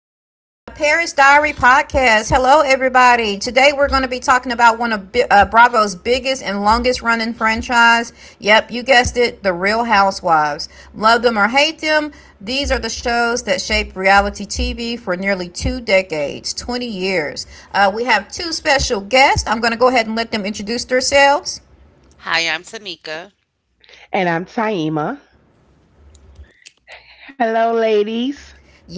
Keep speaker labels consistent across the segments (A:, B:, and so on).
A: to the Paris Diary podcast. Hello, everybody. Today we're going to be talking about one of Bravo's biggest and longest running franchise. Yep, you guessed it, The Real Housewives. Love them or hate them, these are the shows that shaped reality TV for nearly two decades, 20 years. We have two special guests. I'm going to go ahead and let them introduce themselves.
B: Hi, I'm Tamika.
C: And I'm Taima. Hello,
A: Yes.
C: ladies.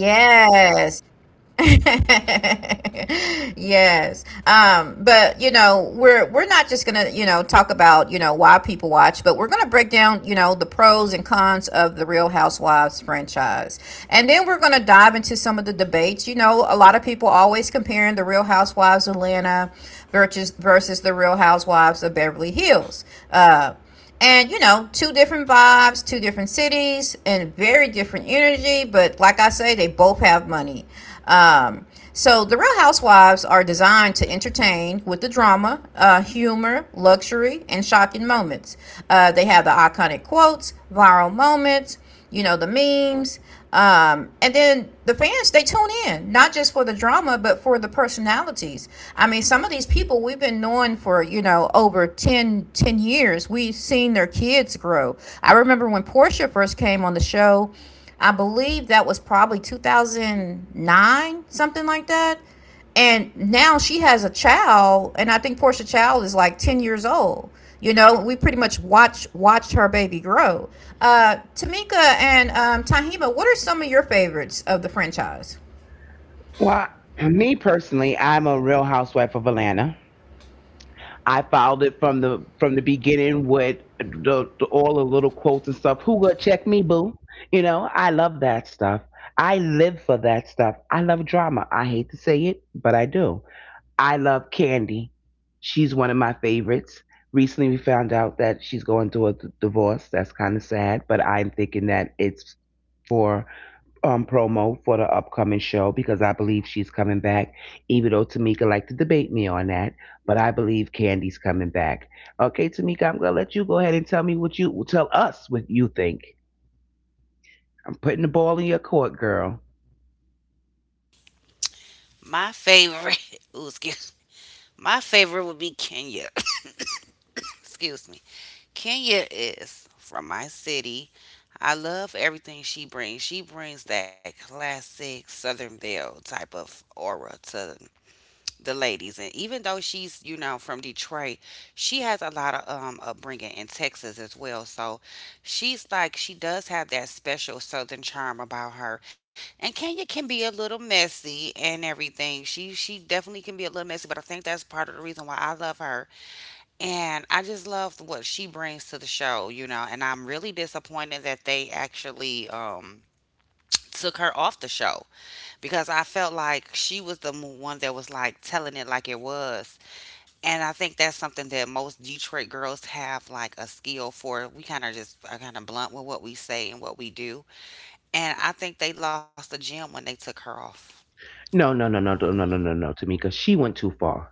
A: Yes. But you know, we're not just gonna, talk about, why people watch, but we're gonna break down, the pros and cons of the Real Housewives franchise. And then we're gonna dive into some of the debates. You know, a lot of people always comparing the Real Housewives of Atlanta versus the Real Housewives of Beverly Hills. Uh and you know, two different vibes, two different cities, and very different energy. But like I say, they both have money. Um, so the Real Housewives are designed to entertain with the drama, humor, luxury, and shocking moments. They have the iconic quotes, viral moments, you know, the memes, and then the fans, they tune in not just for the drama but for the personalities. I mean, some of these people we've been knowing for, you know, over ten years. We've seen their kids grow. I remember when Portia first came on the show. I believe that was probably 2009, something like that. And now she has a child, and I think Portia Child is like 10 years old. You know, we pretty much watched her baby grow. Tamika and Tahima, what are some of your favorites of the franchise?
C: Well, me personally, I'm a real housewife of Atlanta. I followed it from the beginning with all the little quotes and stuff. Who gonna check me, boo? You know, I love that stuff. I live for that stuff. I love drama. I hate to say it, but I do. I love Candy. She's one of my favorites. Recently, we found out that she's going through a divorce. That's kind of sad, but I'm thinking that it's for promo for the upcoming show because I believe she's coming back, even though Tamika liked to debate me on that. But I believe Candy's coming back. Okay, Tamika, I'm gonna let you go ahead and tell me what you tell us what you think. I'm putting the ball in your court, girl.
B: My favorite, ooh, excuse, my favorite would be Kenya. Excuse me. Kenya is from my city. I love everything she brings. She brings that classic Southern Belle type of aura to the ladies. And even though she's, you know, from Detroit, she has a lot of upbringing in Texas as well, so she's like, she does have that special Southern charm about her. And Kenya can be a little messy, and everything, she definitely can be a little messy, but I think that's part of the reason why I love her. And I just love what she brings to the show, you know. And I'm really disappointed that they actually took her off the show because I felt like she was the one that was like telling it like it was. And I think that's something that most Detroit girls have, like a skill for. We kind of just are kind of blunt with what we say and what we do. And I think they lost the gym when they took her off.
C: No, no, no, no, no, no, no, no, no, Tamika. She went too far.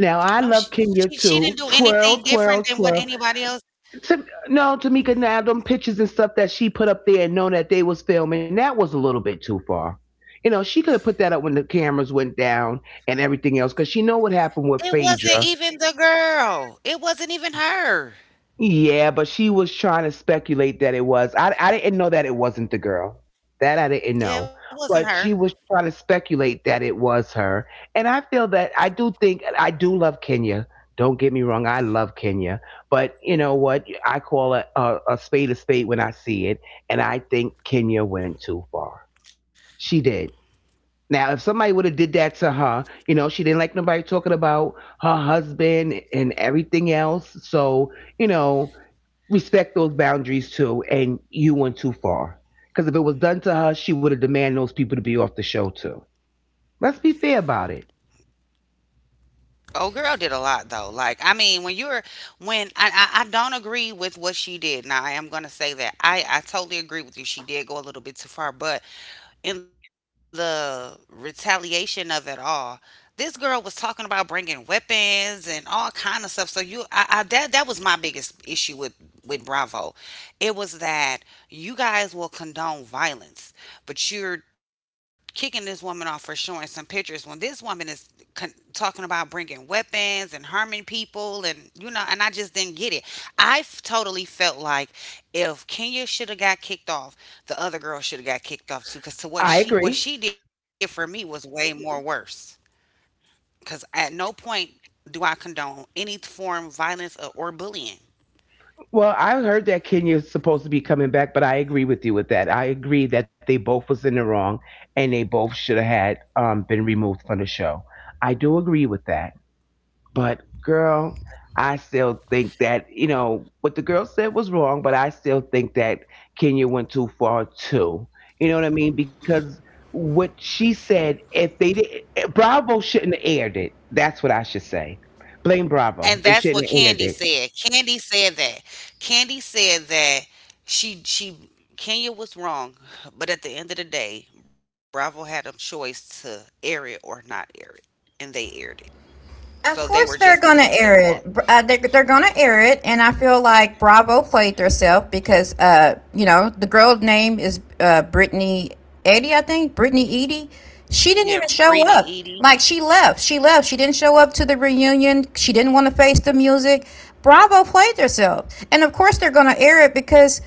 C: Now I
B: No,
C: love Kenya
B: she
C: too.
B: didn't do
C: Twirl,
B: anything
C: twirl,
B: different than what
C: twirl.
B: anybody else.
C: No, Tamika. Now them pictures and stuff that she put up there and known that they was filming, that was a little bit too far. You know, she could have put that up when the cameras went down and everything else, because she know what happened with
B: It wasn't
C: Phaedra.
B: even the girl. It wasn't even her.
C: Yeah, but she was trying to speculate that it was. I didn't know that it wasn't the girl. That I didn't know.
B: Yeah, it wasn't
C: But
B: her.
C: she was trying to speculate that it was her. And I feel that I do love Kenya. Don't get me wrong, I love Kenya. But you know what? I call a spade when I see it, and I think Kenya went too far. She did. Now, if somebody would have did that to her, you know, she didn't like nobody talking about her husband and everything else. So, you know, respect those boundaries too, and you went too far. Because if it was done to her, she would have demanded those people to be off the show too. Let's be fair about it.
B: Old girl did a lot though. Like, I mean, when you're when I don't agree with what she did. Now, I am gonna say that I totally agree with you. She did go a little bit too far, but in the retaliation of it all. This girl was talking about bringing weapons and all kind of stuff. So I that was my biggest issue with Bravo. It was that you guys will condone violence, but you're kicking this woman off for showing some pictures when this woman is talking about bringing weapons and harming people, and you know, and I just didn't get it. I totally felt like if Kenya should have got kicked off, the other girl should have got kicked off too, cuz to what
C: I
B: she
C: agree.
B: did for me was way more worse, cuz at no point do I condone any form of violence, or bullying.
C: Well, I heard that Kenya's supposed to be coming back, but I agree with you with that. I agree that they both was in the wrong, and they both should have had been removed from the show. I do agree with that. But girl, I still think that, you know, what the girl said was wrong, but I still think that Kenya went too far too. You know what I mean? Because what she said, if they did, Bravo shouldn't have aired it. That's what I should say. Blame Bravo. They
B: And
C: shouldn't have
B: that's
C: aired
B: what
C: it.
B: Candy said. Candy said that. Candy said that she Kenya was wrong, but at the end of the day, Bravo had a choice to air it or not air it, and they aired it.
A: Of course,
B: So
A: they're
B: they were
A: gonna
B: just
A: air
B: as much
A: it. Br-
B: at
A: Uh, they're,
B: fault.
A: they're gonna air it, and I feel like Bravo played herself because, you know, the girl's name is Brittany Edie, I think. Brittany Edie. She didn't even
B: Yeah,
A: show up.
B: Brittany
A: Like,
B: Edie,
A: she left. She left. She didn't show up to the reunion. She didn't want to face the music. Bravo played herself, and of course they're gonna air it because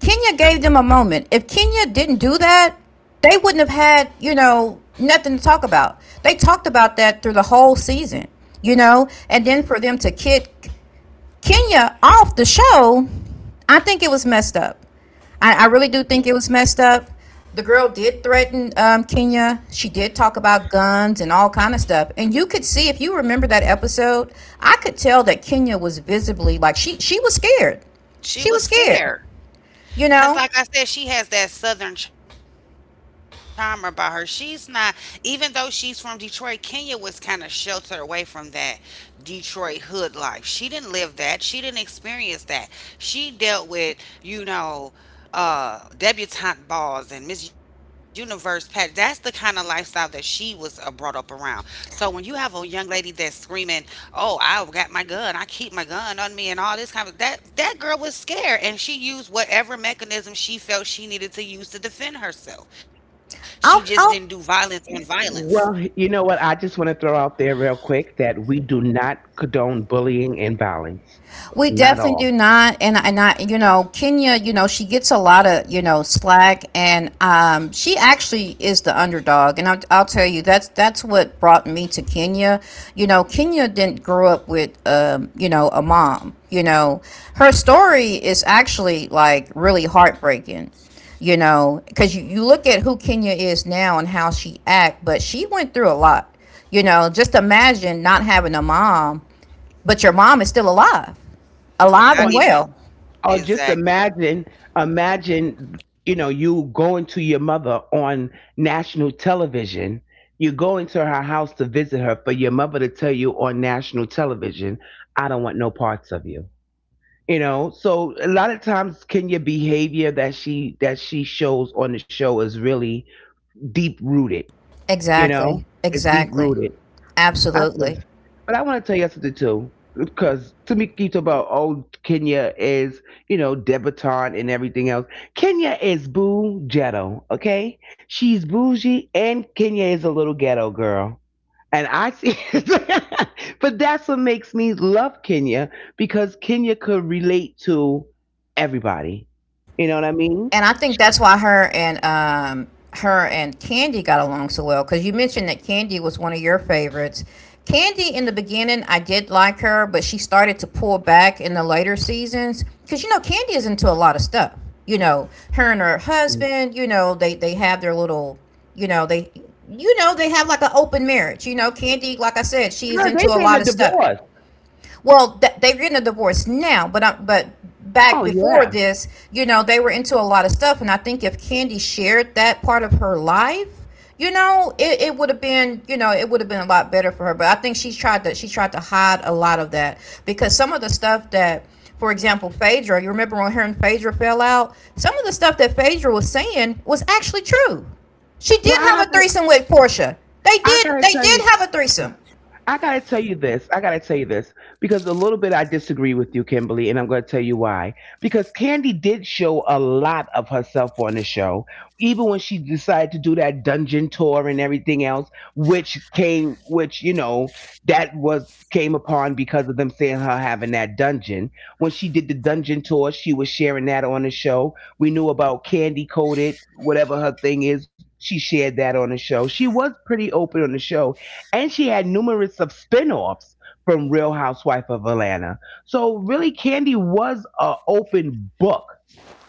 A: Kenya gave them a moment. If Kenya didn't do that, they wouldn't have had, you know, nothing to talk about. They talked about that through the whole season, you know? And then for them to
B: mm,
A: kick Kenya off the show, I think it was messed up. I really do think it was messed
B: me
A: up.
B: too.
A: The girl did threaten Kenya. She did talk about guns and all kind of stuff. And you could see, if you remember that episode, I could tell that Kenya was visibly like she was scared. She was scared,
B: She was
A: you
B: scared.
A: know.
B: Because, like I said, she has that southern charm about her. She's not, even though she's from Detroit, Kenya was kind of sheltered away from that Detroit hood life. She didn't live that. She didn't experience that. She dealt with, you know, debutante balls and Miss Universe, pat, that's the kind of lifestyle that she was brought up around. So when you have a young lady that's screaming, oh, I've got my gun, I keep my gun on me and all this kind of that girl was scared, and she used whatever mechanism she felt she needed to use to defend herself.
A: I'll,
B: She
A: I'll,
B: just didn't do violence on
C: Well,
B: violence.
C: you know what? I just want to throw out there real quick that we do not condone bullying and violence.
A: we
C: Not
A: definitely do
C: all.
A: not. You know, Kenya, you know, she gets a lot of, you know, slack, and she actually is the underdog. And I'll tell you, that's what brought me to Kenya. You know, Kenya didn't grow up with, you know, a mom, you know, her story is actually like really heartbreaking. You know, because you look at who Kenya is now and how she act, but she went through a lot. You know, just imagine not having a mom. But your mom is still alive, alive and well.
B: And not
C: Or just
B: even,
C: imagine,
B: exactly.
C: imagine, you know, you going to your mother on national television, you go into her house to visit her for your mother to tell you on national television, I don't want no parts of you. You know, so a lot of times Kenya behavior that she shows on the show is really deep rooted. You know,
A: Exactly,
C: it's deep
A: exactly,
C: rooted. I just,
A: absolutely.
C: but I want to tell you something too, because to me, keeps talking about oh Kenya is, you know, debutante and everything else. Kenya is boo ghetto, okay? She's bougie, and Kenya is a little ghetto girl. And I see, but that's what makes me love Kenya because Kenya could relate to everybody. You know what I mean?
A: And I think that's why her and her and Candy got along so well, because you mentioned that Candy was one of your favorites. Candy in the beginning, I did like her, but she started to pull back in the later seasons, because you know Candy is into a lot of stuff. You know, her and her
C: Girl,
A: husband. You know, they have their little. You know, they you know they have like an open marriage. You know, Candy, like I said, she is into
C: they
A: a
C: getting
A: lot
C: a
A: of stuff.
C: divorce.
A: Well, they're getting a divorce now, but back
C: Oh
A: before
C: yeah.
A: this, you know, they were into a lot of stuff, and I think if Candy shared that part of her life, you know, it would have been, you know, it would have been a lot better for her. But I think she tried to hide a lot of that, because some of the stuff that, for example, Phaedra, you remember when her and Phaedra fell out, some of the stuff that Phaedra was saying was actually true. She
C: Well,
A: did
C: I
A: have
C: have
A: a
C: to.
A: threesome with Portia. They
C: I
A: did.
C: gotta
A: They
C: tell
A: did
C: you.
A: have a threesome.
C: I gotta tell you this. I gotta tell you this because a little bit I disagree with you, Kimberly, and I'm gonna tell you why. Because Candy did show a lot of herself on the show, even when she decided to do that dungeon tour and everything else, which came, which you know, that was came upon because of them saying her having that dungeon. When she did the dungeon tour, she was sharing that on the show. We knew about Candy Coated, whatever her thing is. She shared that on the show. She was pretty open on the show, and she had numerous of spin-offs from Real Housewife of Atlanta. So really Candy was a open book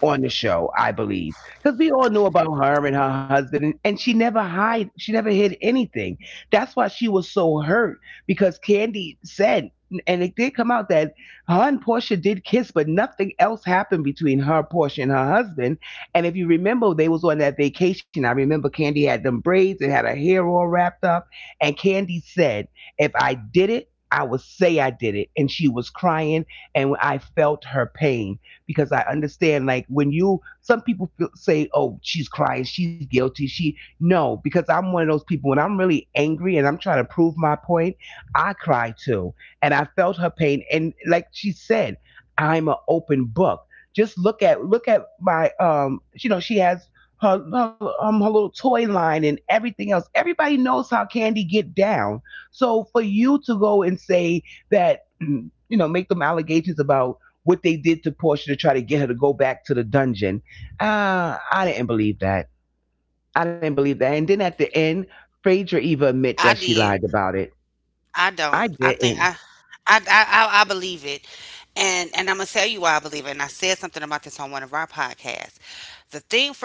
C: on the show, I believe, because we all knew about her and her husband, and she never hide, she never hid anything. That's why she was so hurt because Candy said, and it did come out that her and Portia did kiss, but nothing else happened between her, Portia, and her husband. And if you remember, they was on that vacation. I remember Candy had them braids and had her hair all wrapped up, and Candy said, "If I did it, I would say I did it," and she was crying, and I felt her pain because I understand like when you some people feel, say oh she's crying she's guilty, she no, because I'm one of those people when I'm really angry and I'm trying to prove my point, I cry too. And I felt her pain, and like she said, I'm an open book. Just look at my, um, you know, she has her little toy line and everything else. Everybody knows how Candy get down. So for you to go and say that you know, make them allegations about what they did to Portia to try to get her to go back to the dungeon. I didn't believe that. I didn't believe that. And then at the end, Phaedra even admit
B: I
C: that she
B: did.
C: lied about it. I
B: I don't.
C: didn't.
B: I I believe it. And I'm gonna tell you why I believe it. And I said something about this on one of our podcasts.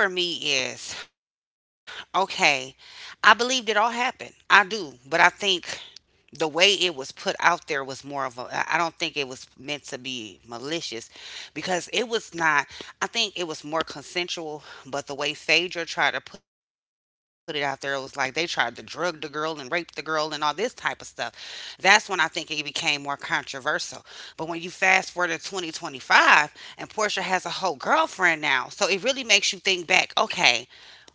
B: The thing for me is, okay, I believe it all happened. I do, but I think the way it was put out there was more of a, I don't think it was meant to be malicious because it was not. I think it was more consensual, but the way Phaedra tried to put it out there, it was like they tried to drug the girl and rape the girl and all this type of stuff. That's when I think it became more controversial. But when you fast forward to 2025 and Portia has a whole girlfriend now. So it really makes you think back, okay,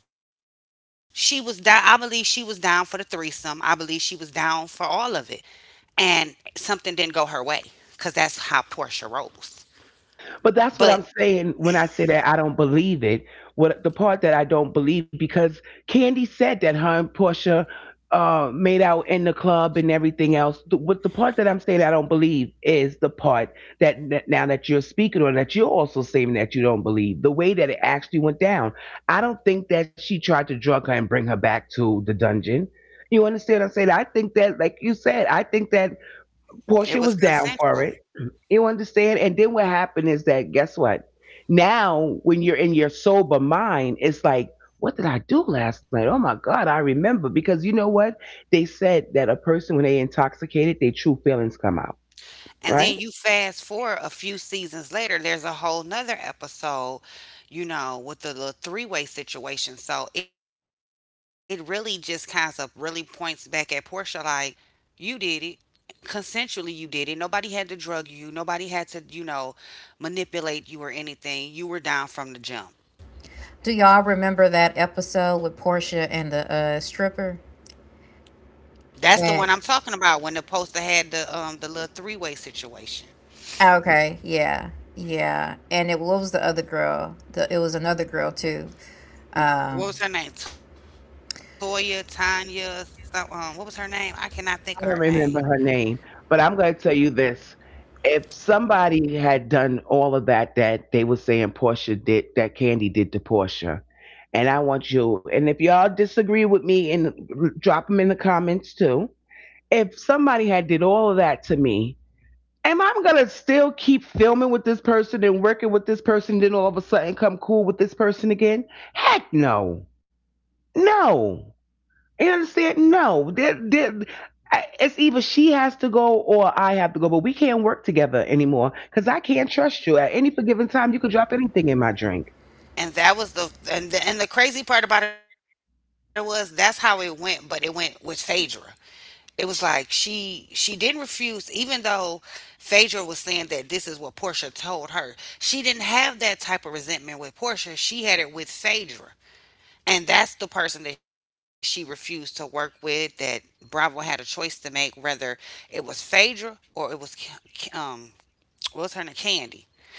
B: she was down I believe she was down for the threesome. I believe she was down for all of it, and something didn't go her way because that's how Portia rolls.
C: But that's what I'm
B: But
C: saying when I say that I don't believe it. What the part that I don't believe because Candy said that her and Portia, made out in the club and everything else. The, what the part that I'm saying I don't believe is the part that now that you're speaking on that you're also saying that you don't believe the way that it actually went down. I don't think that she tried to drug her and bring her back to the dungeon. You understand what I'm saying? I think that, like you said, I think that Portia was down
B: it was
C: for it.
B: consensual.
C: You understand? And then what happened is that guess what? Now when you're in your sober mind, it's like, what did I do last night? Oh my God, I remember. Because you know what? They said that a person when they intoxicated, their true feelings come out, right? I
B: And then you fast forward a few seasons later, there's a whole nother episode, you know, with the little three-way situation. So it really just kind of really points back at Portia like, you did it. Consensually, you did it. Nobody had to drug you. Nobody had to, you know, manipulate you or anything. You were down from the jump.
A: Do y'all remember that episode with Portia and the stripper?
B: That's the
A: And
B: one I'm talking about when the poster had the little three-way situation.
A: okay, yeah, yeah. And it what was the other girl? It was another girl too. Um,
B: What was her name? Toya, Tanya, what was her name? I cannot think of her
C: don't
B: name.
C: remember her name. But I'm gonna tell you this. If somebody had done all of that that they were saying Portia did that Candy did to Portia, and I want you, and if y'all disagree with me and drop them in the comments too, if somebody had did all of that to me, am I gonna still keep filming with this person and working with this person, then all of a sudden come cool with this person again? Heck no, no. You understand? No. There, it's either she has to go or I have to go, but we can't work together anymore because I can't trust you. At any given time, you could drop anything in my drink.
B: And That was the, and the crazy part about it was that's how it went, but it went with Phaedra. It was like she didn't refuse, even though Phaedra was saying that this is what Portia told her. She didn't have that type of resentment with Portia. She had it with Phaedra. And that's the person that she refused to work with. That Bravo had a choice to make, whether it was Phaedra or it was Ki- um well, it's her and Candy.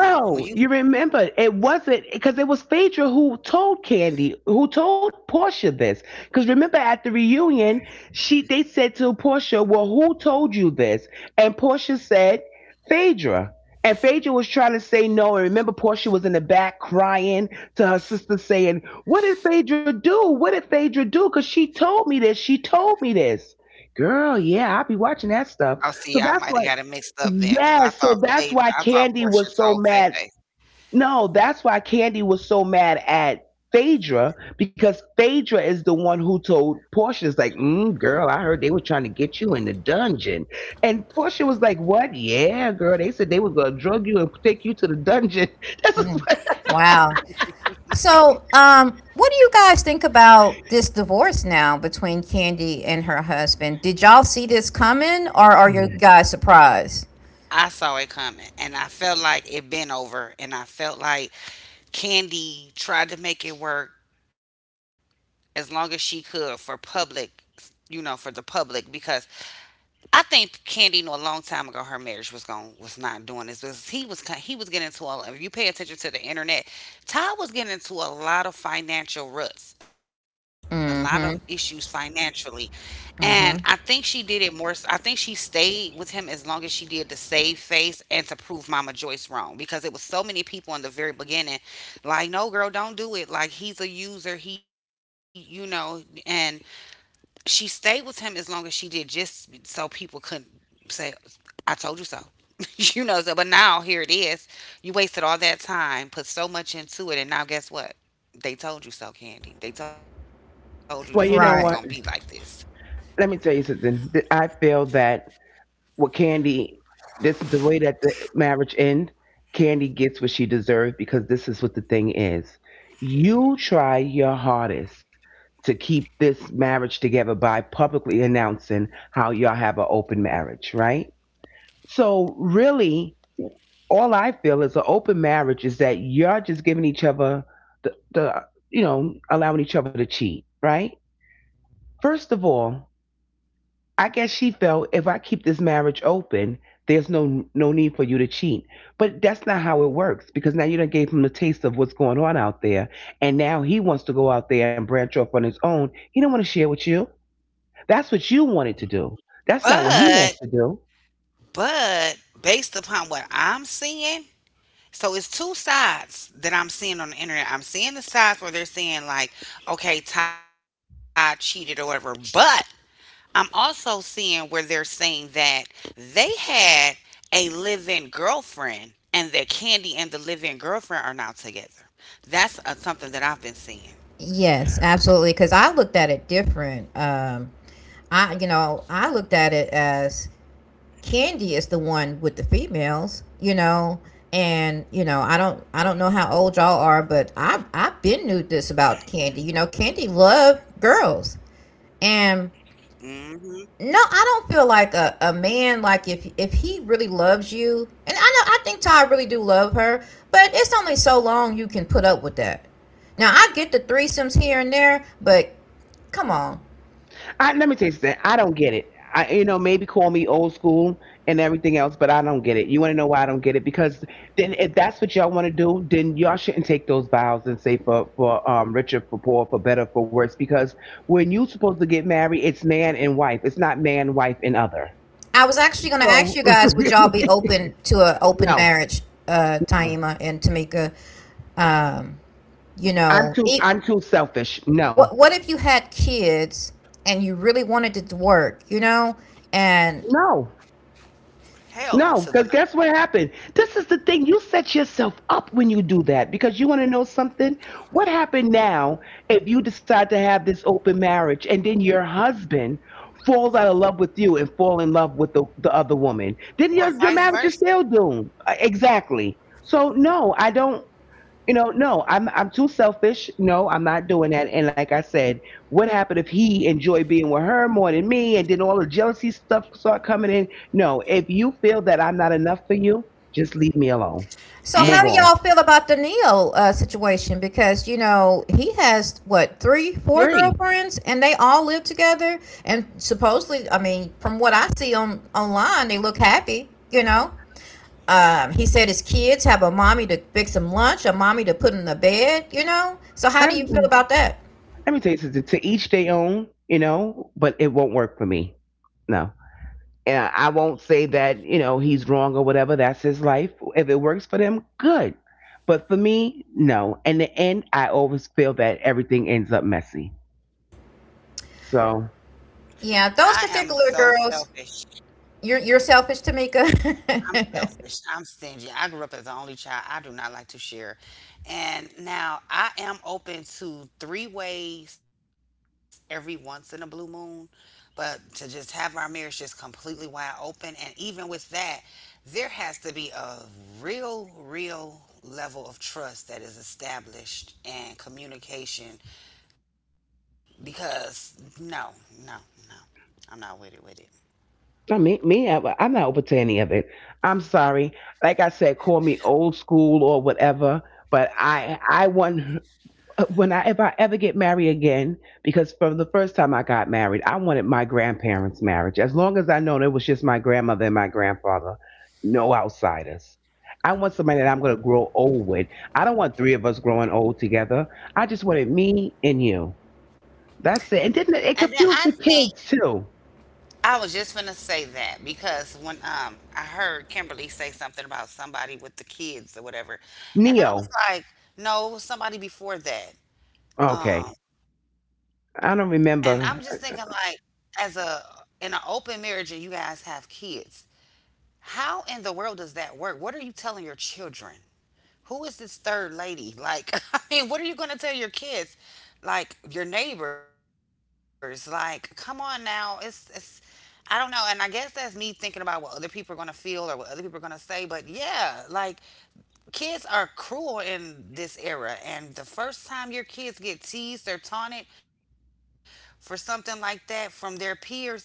B: And
C: you
B: when you,
C: remember it wasn't because it was Phaedra who told Candy, who told Portia this. Because remember at the reunion, she they said to Portia, "Well, who told you this?" And Portia said, "Phaedra." And Phaedra was trying to say no. And remember, Portia was in the back crying to her sister, saying, "What did Phaedra do? What did Phaedra do? Because she told me this. She told me this." Girl, yeah, I'll be watching that stuff. So
B: oh,
C: that's
B: see,
C: why.
B: I might have got it mixed up then
C: Yes,
B: because
C: so
B: I thought
C: that's why
B: Phaedra, I
C: Candy
B: thought
C: was so
B: Portia
C: mad.
B: told Tay Tay.
C: No, that's why Candy was so mad at Phaedra because Phaedra is the one who told Portia, "Is like, mm, girl, I heard they were trying to get you in the dungeon," and Portia was like, "What? Yeah, girl, they said they was gonna drug you and take you to the dungeon." That's what.
A: wow. So, what do you guys think about this divorce now between Candy and her husband? Did y'all see this coming, or are you
C: Mm.
A: guys surprised?
B: I saw it coming, and I felt like it been over. And I felt like Candy tried to make it work as long as she could for public, you know, for the public. Because I think Candy knew a long time ago her marriage was going was not doing this. Because he was getting into a. If you pay attention to the internet, Todd was getting into a lot of financial ruts, a lot of issues
A: Mm-hmm.
B: financially. And I think she
A: Mm-hmm.
B: did it more s I think she stayed with him as long as she did to save face and to prove Mama Joyce wrong, because it was so many people in the very beginning, like, no, girl, don't do it. Like, he's a user. He, you know, and she stayed with him as long as she did just so people couldn't say, I told you so. You know, so, but now here it is. You wasted all that time, put so much into it. And now guess what? They told you so, Candy. They told you this man was going to be
C: Well, you
B: like
C: know
A: Right.
C: what?
B: this.
C: Let me tell you something. I feel that. Well, Candy, this is the way that the marriage end. Candy gets what she deserved because this is what the thing is. You try your hardest to keep this marriage together by publicly announcing how y'all have an open marriage, right? So really, all I feel is an open marriage is that you're just giving each other the you know allowing each other to cheat, right? First of all, I guess she felt if I keep this marriage open, there's no need for you to cheat. But that's not how it works because now you done gave him the taste of what's going on out there, and now he wants to go out there and branch off on his own. He don't want to share with you. That's what you wanted to do. That's not what he wants
B: But
C: to do.
B: But based upon what I'm seeing, so it's two sides that I'm seeing on the internet. I'm seeing the sides where they're saying like, okay, Todd cheated or whatever. But I'm also seeing where they're saying that they had a live-in girlfriend, and that Candy and the live-in girlfriend are now together. That's something that I've been seeing.
A: Yes, absolutely. Because I looked at it different. I, you know, I looked at it as Candy is the one with the females, you know, and you know, I don't know how old y'all are, but I've been knew this about Candy. You know, Candy loved girls, and
B: Hmm.
A: no, I don't feel like a man like if he really loves you, and I know I think Ty really do love her, but it's only so long you can put up with that. Now I get the threesomes here and there, but come on.
C: Let me tell you something. I don't get it. I, you know, maybe call me old school and everything else, but I don't get it. You want to know why I don't get it? Because then, if that's what y'all want to do, then y'all shouldn't take those vows and say for for richer, for poor, for better, for worse. Because when you supposed to get married, it's man and wife. It's not man, wife, and other.
A: I was actually gonna ask
C: So
A: you guys, would y'all be open to an open
C: No,
A: marriage,
C: no.
A: Taima and Tamika? Um, you
C: I'm
A: know,
C: too
A: it,
C: I'm too selfish. No,
A: what if you had kids and you really wanted it to work, you know, and
C: no. No,
B: Hell
C: because
B: to the no.
C: guess what happened? This is the thing. You set yourself up when you do that because you want to know something. What happened now if you decide to have this open marriage and then your husband falls out of love with you and fall in love with the other woman? Then your
B: Or
C: marriage is
B: vice
C: still
B: versa.
C: doomed. Exactly. So, no, I don't. You know, no, I'm too selfish. No, I'm not doing that. And like I said, what happened if he enjoyed being with her more than me and then all the jealousy stuff start coming in? No, if you feel that I'm not enough for you, just leave me alone.
A: so,
C: Move
A: how do
C: on.
A: y'all
B: And
A: feel about the Neo situation? Because you know he has, what, three, four
C: Three.
A: girlfriends, and they all live together. And supposedly, I mean, from what I see on online, they look happy. You know, he said his kids have a mommy to fix them lunch, a mommy to put in the bed. You know, so how do you feel
C: And
A: about that?
C: let me tell you something, to each their own, you know, but it won't work for me. No. And I won't say that, you know, he's wrong or whatever. That's his life. If it works for them, good. But for me, no. In the end, I always feel that everything ends up messy. So,
B: I
A: Yeah,
B: am
A: those
B: so
A: particular
B: selfish.
A: girls, you're selfish, Tamika.
B: I'm selfish. I'm stingy. I grew up as the only child. I do not like to share. And now I am open to three ways every once in a blue moon, but to just have our marriage just completely wide open. And even with that, there has to be a real, real level of trust that is established, and communication, because no, no, no, I'm not with it with it.
C: I mean, me, I'm not open to any of it. I'm sorry. Like I said, call me old school or whatever. But I want when I if I ever get married again, because from the first time I got married, I wanted my grandparents' marriage. As long as I know it was just my grandmother and my grandfather, no outsiders. I want somebody that I'm going to grow old with. I don't want three of us growing old together. I just wanted me and you. That's it. And didn't
B: And then
C: it
B: I
C: confused the
B: think
C: kids too?
B: I was just gonna say that because when I heard Kimberly say something about somebody with the kids or whatever, and
C: Neo.
B: I was like, no, it was somebody before that.
C: Okay.
B: Um, and
C: I
B: I'm
C: don't
B: just thinking
C: remember.
B: like, as a, in an open marriage and you guys have kids, how in the world does that work? What are you telling your children? Who is this third lady? Like, I mean, what are you going to tell your kids? Like your neighbors? Like, come on now. It's I don't know. And I guess that's me thinking about what other people are going to feel or what other people are going to say, but yeah, like kids are cruel in this era, and the first time your kids get teased or taunted for something like that from their peers,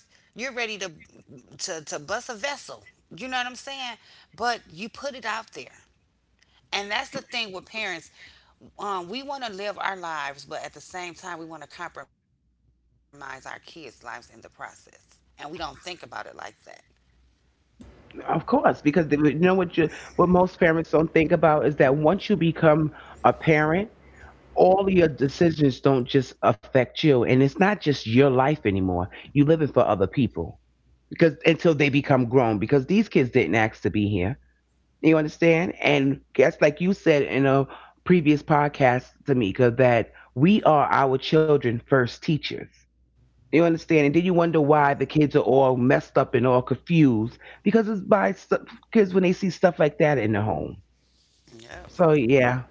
B: you're ready to bust a vessel. You know what I'm saying? But you put it out there. And that's the thing with parents. We want to live our lives, but at the same time, we want to compromise our kids' lives in the process. And we don't think about it like that.
C: Of course, because they, you know what you what most parents don't think about is that once you become a parent, all of your decisions don't just affect you, and it's not just your life anymore. You are living for other people because until they become grown, because these kids didn't ask to be here, you understand? And guess, like you said in a previous podcast, Tamika, that we are our children first teachers. You understand? And then you wonder why the kids are all messed up and all confused because it's by kids, when they see stuff like that in the home. So
B: Yep.
C: yeah.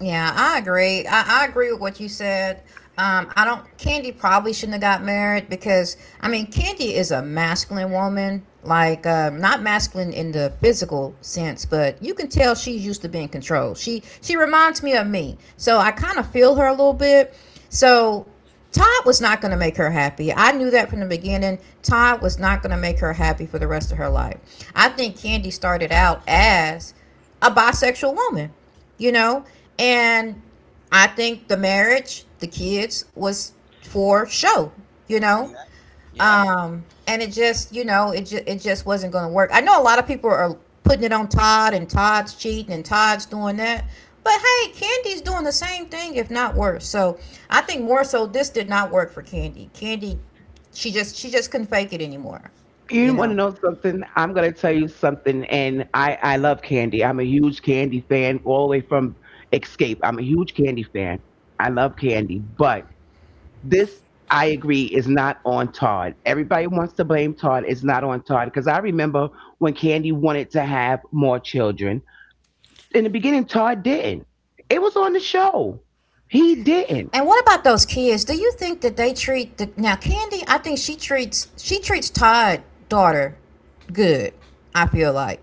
A: Yeah, I agree. I agree with what you said. I don't. Candy probably shouldn't have got married, because I mean, Candy is a masculine woman. Like, not masculine in the physical sense, but you can tell she's used to being controlled. She reminds me of me, so I kind of feel her a little bit. So Todd was not going to make her happy. I knew that from the beginning. Todd was not going to make her happy for the rest of her life. I think Candy started out as a bisexual woman, you know? And I think the marriage, the kids was for show, you know?
B: Yep. Yep.
A: And it just, you know, it just wasn't going to work. I know a lot of people are putting it on Todd and Todd's cheating and Todd's doing that. But hey, Candy's doing the same thing if not worse. So, I think more so this did not work for Candy. Candy she just couldn't fake it anymore, you
C: You want to
A: know.
C: know something? I'm going to tell you something. And I love Candy. I'm a huge Candy fan, all the way from Escape. I'm a huge Candy fan. I love Candy. But this, I agree, is not on Todd. Everybody wants to blame Todd. It's not on Todd. Because I remember when Candy wanted to have more children. In the beginning, Todd didn't. It was on the show. He didn't.
A: And what about those kids? Do you think that they treat the now Candy? I think she treats Todd daughter good. I feel like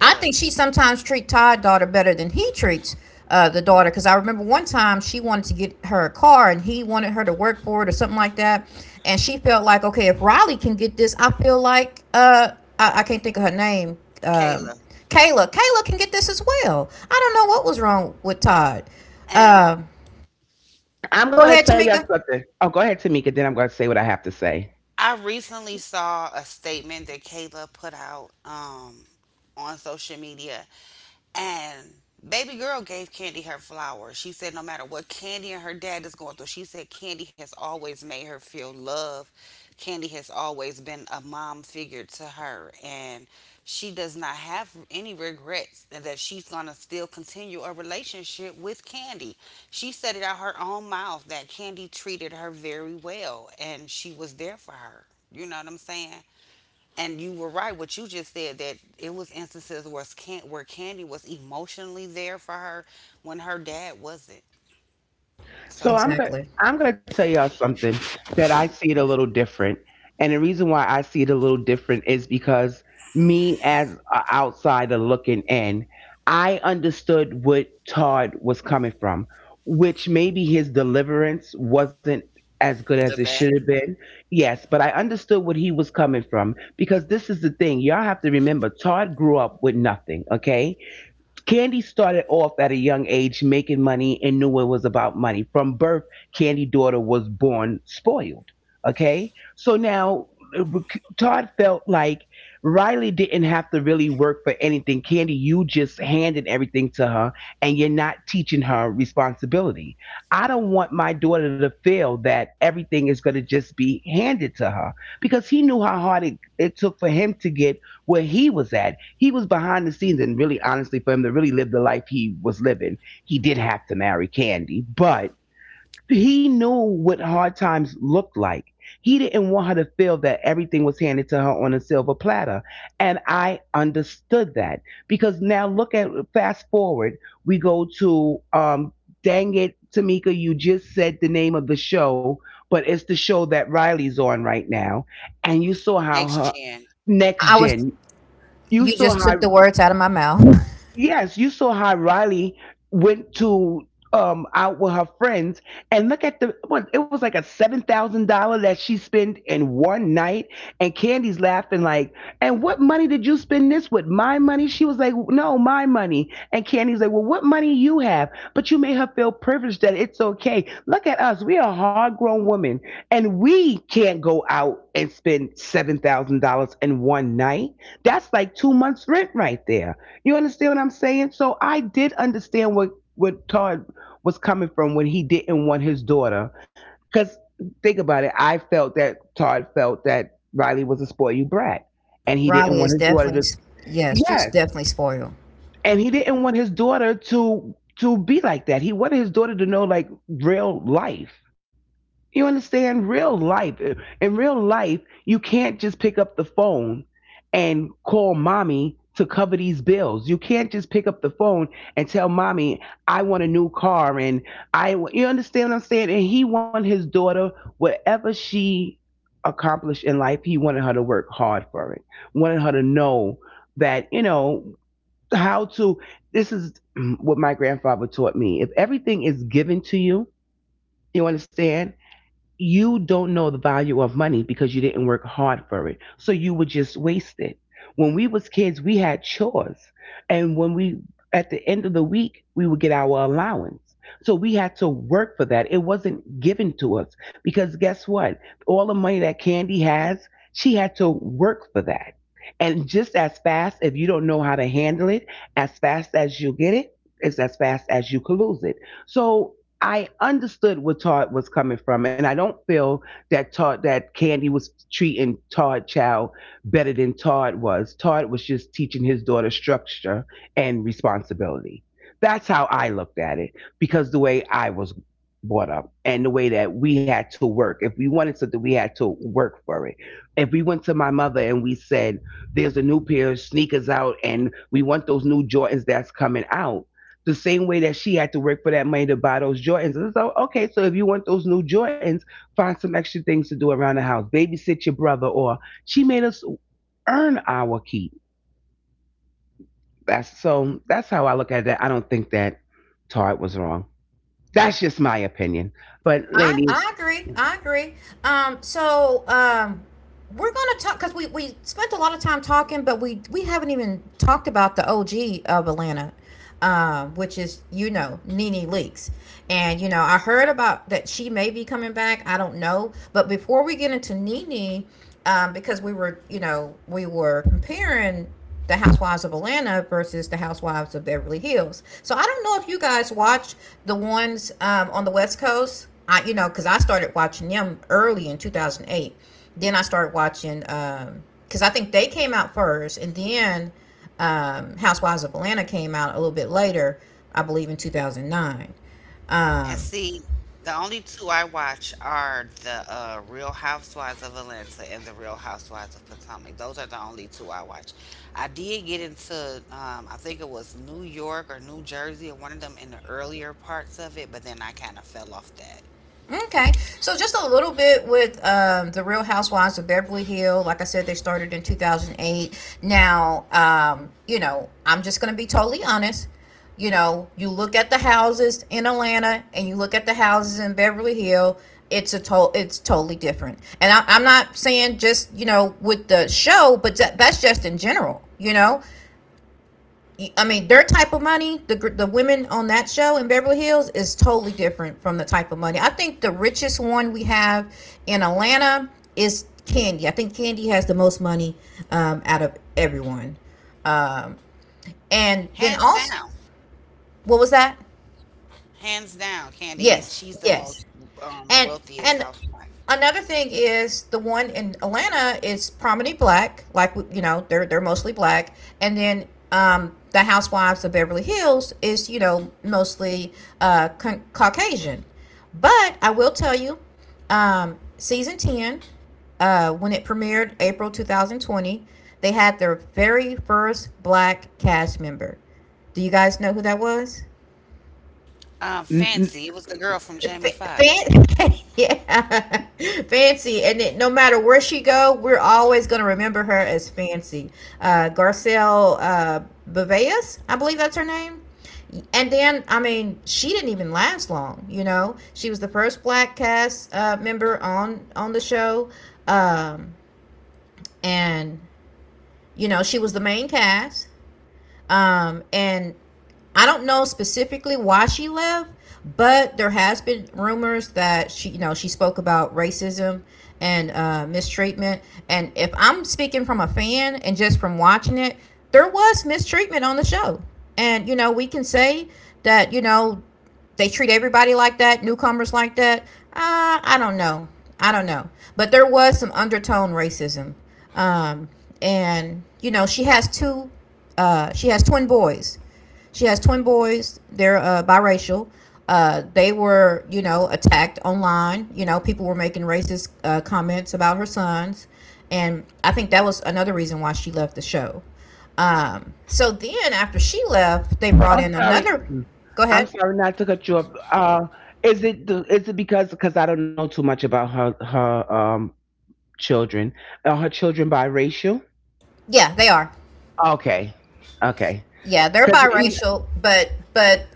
A: I think
B: she
A: she
B: does.
A: sometimes treats Todd daughter better than he treats the daughter. Because I remember one time she wanted to get her a car and he wanted her to work for it or something like that, and she felt like, okay, if Riley can get this, I feel like I can't think of her name.
B: Kayla.
A: Kayla, Kayla can get this as well. I don't know what was wrong with Todd. Um, uh,
B: And
C: I'm
A: Go
C: going to
A: ahead,
C: tell you
A: Tamika.
C: something. Oh, go ahead, Tamika. Then I'm going to say what I have to say.
B: I recently saw a statement that Kayla put out, on social media, and baby girl gave Candy her flowers. She said, no matter what Candy and her dad is going through, she said Candy has always made her feel love. Candy has always been a mom figure to her, and she does not have any regrets and that she's going to still continue a relationship with Candy. She said it out her own mouth that Candy treated her very well and she was there for her. You know what I'm saying? And you were right what you just said that it was instances where Candy was emotionally there for her when her dad wasn't.
C: So I'm going to
B: So
A: Exactly.
C: I'm going to tell y'all something that I see it a little different. And the reason why I see it a little different is because me as an outsider looking in, I understood what Todd was coming from, which maybe his deliverance wasn't as good as it
B: the
C: should have
B: best.
C: been. Yes, but I understood what he was coming from because this is the thing. Y'all have to remember Todd grew up with nothing, okay? Candy started off at a young age making money and knew it was about money. From birth, Candy daughter was born spoiled. Okay, so now uh, Todd felt like Riley didn't have to really work for anything. Candy, you just handed everything to her, and you're not teaching her responsibility. I don't want my daughter to feel that everything is going to just be handed to her because he knew how hard it took for him to get where he was at. He was behind the scenes, and really, honestly, for him to really live the life he was living, he did have to marry Candy, but he knew what hard times looked like. He didn't want her to feel that everything was handed to her on a silver platter. And I understood that because now look at fast forward, we go to dang it, Tamika, you just said the name of the show, but it's the show that Riley's on right now, and you saw how her
B: Next gen.
C: next
A: I was,
C: gen, you
A: you
C: saw
A: just took the
C: her.
A: words out of my mouth.
C: Yes, you saw how Riley went to out with her friends and look at the what it was like a $7,000 that she spent in one night, and Candy's laughing like, and what money did you spend this with? My money? She was like, no, my money. And Candy's like, well, what money you have? But you made her feel privileged that it's okay. Look at us. We are hard grown women and we can't go out and spend $7,000 in one night. That's like 2 months rent right there. You understand what I'm saying? So I did understand what Todd was coming from when he didn't want his daughter. Because think about it, I felt that Todd felt that Riley was a spoiled you brat, and he didn't
A: Riley
C: want
A: is
C: his daughter to.
A: definitely, yes, she's
C: Yes,
A: definitely spoiled.
C: and he didn't want his daughter to be like that. He wanted his daughter to know like real life. You understand? Real life. In real life, you can't just pick up the phone and call mommy to cover these bills. You can't just pick up the phone and tell mommy, I want a new car and I wa-" you understand what I'm saying? And he wanted his daughter, whatever she accomplished in life, he wanted her to work hard for it. Wanted her to know that, you know, how to, this is what my grandfather taught me. If everything is given to you, you understand? You don't know the value of money because you didn't work hard for it. So you would just waste it. When we was kids, we had chores. And when we at the end of the week, we would get our allowance. So we had to work for that. It wasn't given to us because guess what? All the money that Candy has, she had to work for that. And just as fast, if you don't know how to handle it, as fast as you get it, is as fast as you could lose it. So I understood where Todd was coming from, and I don't feel that Candy was treating Todd Chow better than Todd was. Todd was just teaching his daughter structure and responsibility. That's how I looked at it because the way I was brought up and the way that we had to work. If we wanted something, we had to work for it. If we went to my mother and we said, "There's a new pair of sneakers out, and we want those new Jordans that's coming out." The same way that she had to work for that money to buy those Jordans. And so, okay, so if you want those new Jordans, find some extra things to do around the house. Babysit your brother, or she made us earn our keep. That's so. That's how I look at that. I don't think that Todd was wrong. That's just my opinion. But ladies,
A: I agree. I agree. Um, so um, we're going to talk because we spent a lot of time talking, but we haven't even talked about the OG of Atlanta, which is, you know, Nene Leakes. And, you know, I heard about that she may be coming back. I don't know. But before we get into Nene, because we were, you know, we were comparing the Housewives of Atlanta versus the Housewives of Beverly Hills. So I don't know if you guys watch the ones on the West Coast. I, you know, because I started watching them early in 2008. Then I started watching because I think they came out first, and then Housewives of Atlanta came out a little bit later, I believe in 2009.
B: And
A: Um,
B: see, the only 2 I watch are the, Real Housewives of Atlanta and the Real Housewives of Potomac. Those are the only 2 I watch. I did get into, I think it was New York or New Jersey or one of them in the earlier parts of it, but then I kinda fell off that.
A: Okay, so just a little bit with the Real Housewives of Beverly Hill. Like I said, they started in 2008. Now, you know, I'm just going to be totally honest. You know, you look at the houses in Atlanta and you look at the houses in Beverly Hill. It's totally different. And I'm not saying just you know with the show, but that's just in general. You know, I mean, their type of money, the women on that show in Beverly Hills is totally different from the type of money. I think the richest one we have in Atlanta is Candy. I think Candy has the most money out of everyone. And then
B: Hands
A: also,
B: down,
A: what was that?
B: hands down, Candy,
A: Yes,
B: she's the most,
A: yes. And
B: wealthiest
A: and
B: housewife.
A: another thing is the one in Atlanta is prominently black, like you know they're mostly black, and then the Housewives of Beverly Hills is you know mostly Caucasian. But I will tell you, season ten, when it premiered April 2020, they had their very first black cast member. Do you guys know who that was?
C: n- n-
B: Fancy, it was the girl from Jamie Foxx.
A: Yeah, fancy, and it, no matter where she go, we're always gonna remember her as fancy. Garcelle Baveas, I believe that's her name. And then, I mean, she didn't even last long. You know, she was the first black cast member on the show, um, and you know, she was the main cast. And I don't know specifically why she left, but there has been rumors that she, you know, she spoke about racism and mistreatment. And if I'm speaking from a fan and just from watching it, there was mistreatment on the show, and you know, we can say that you know they treat everybody like that, newcomers like that. I don't know. I don't know. But there was some undertone racism. Um, and you know, she has two. She has twin boys. She has twin boys. They're biracial. They were, you know, attacked online. You know, people were making racist comments about her sons, and I think that was another reason why she left the show. So then, after she left, they brought
C: I'm
A: in
C: sorry.
A: another. Go
C: I'm
A: ahead.
C: sorry not to cut you off. Is it the, is it because I don't know too much about her her children? Are her children biracial?
A: Yeah, they are.
C: Okay, okay.
A: Yeah, they're
C: Cause
A: biracial, but but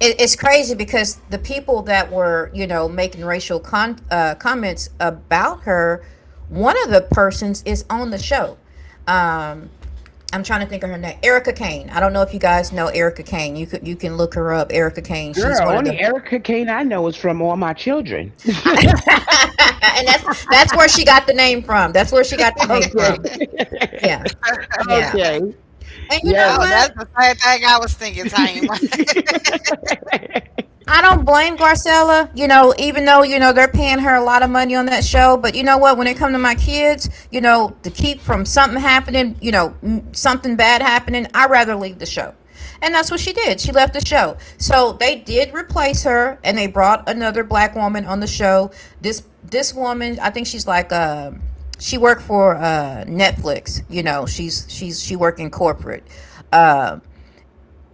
A: it, it's crazy because the people that were you know making racial comments about her, one of the persons is on the show. Um, I'm trying to think of her name, Erica Kane. I don't know if you guys know Erica Kane. You can look her up, Erica Kane. She's
C: girl,
A: one of
C: only
A: the,
C: Erica Kane I know is from All My Children.
A: and that's where she got the name from. That's where she got the name
C: Okay.
A: from. Yeah, yeah.
C: Okay.
A: And you
C: Yes.
A: know
B: Oh, that's
A: what?
B: the same thing I was thinking, Taima.
C: And
A: I don't blame Garcella, you know, even though, you know, they're paying her a lot of money on that show. But you know what? When it comes to my kids, you know, to keep from something happening, you know, something bad happening, I rather leave the show. And that's what she did. She left the show. So they did replace her and they brought another black woman on the show. This woman, I think she's like she worked for Netflix, you know, she's she worked in corporate. Uh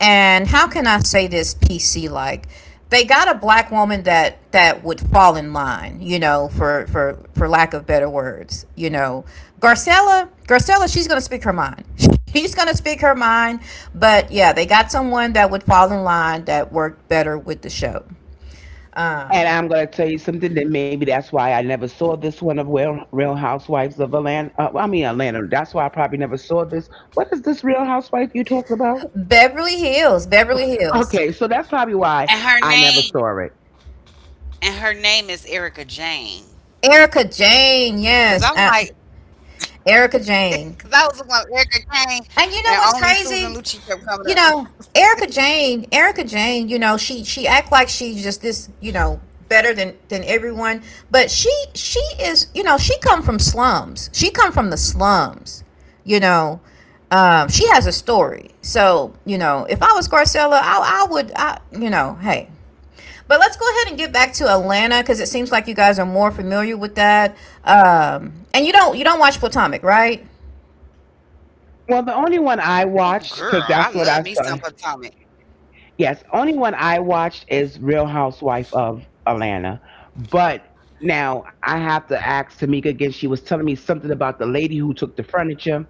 A: and how can I say this PC like? They got a black woman that would fall in line, you know, for for lack of better words, you know. Garcella, she's gonna speak her mind. She's gonna speak her mind, but yeah, they got someone that would fall in line that worked better with the show. Um,
C: I'm gonna tell you something, that maybe that's why I never saw this one of Real Housewives of Atlanta. Well, I mean Atlanta. That's why I probably never saw this. What is this Real Housewife you talking about?
A: Beverly Hills, Beverly Hills,
C: Okay, so that's
B: And
C: probably
B: her
C: why
B: name
C: I never saw it.
B: And her name is Erica Jane. Cause
A: Erica
B: I'm like,
A: Jane, yes,
B: Cause I was
A: Erica
B: looking up Erica
A: Jane.
B: Jane, and only
A: And
B: Susan
A: you know
B: Lucci
A: what's
B: kept coming
A: crazy?
B: up.
A: You know, Erica Jane, you know, she act like she's just this, you know, better than everyone, but she is, you know, she come from slums. She come from the slums, you know. She has a story. So, you know, if I was Garcella, you know, hey. But let's go ahead and get back to Atlanta because it seems like you guys are more familiar with that. And you don't watch Potomac, right?
B: Oh, girl, I
C: Well, the
B: love
C: only
B: me
C: one
B: some
C: I
B: Potomac.
C: watched, because that's what I saw. Yes, only one I watched is Real Housewife of Atlanta. But now I have to ask Tamika again. She was telling me something about the lady who took the furniture,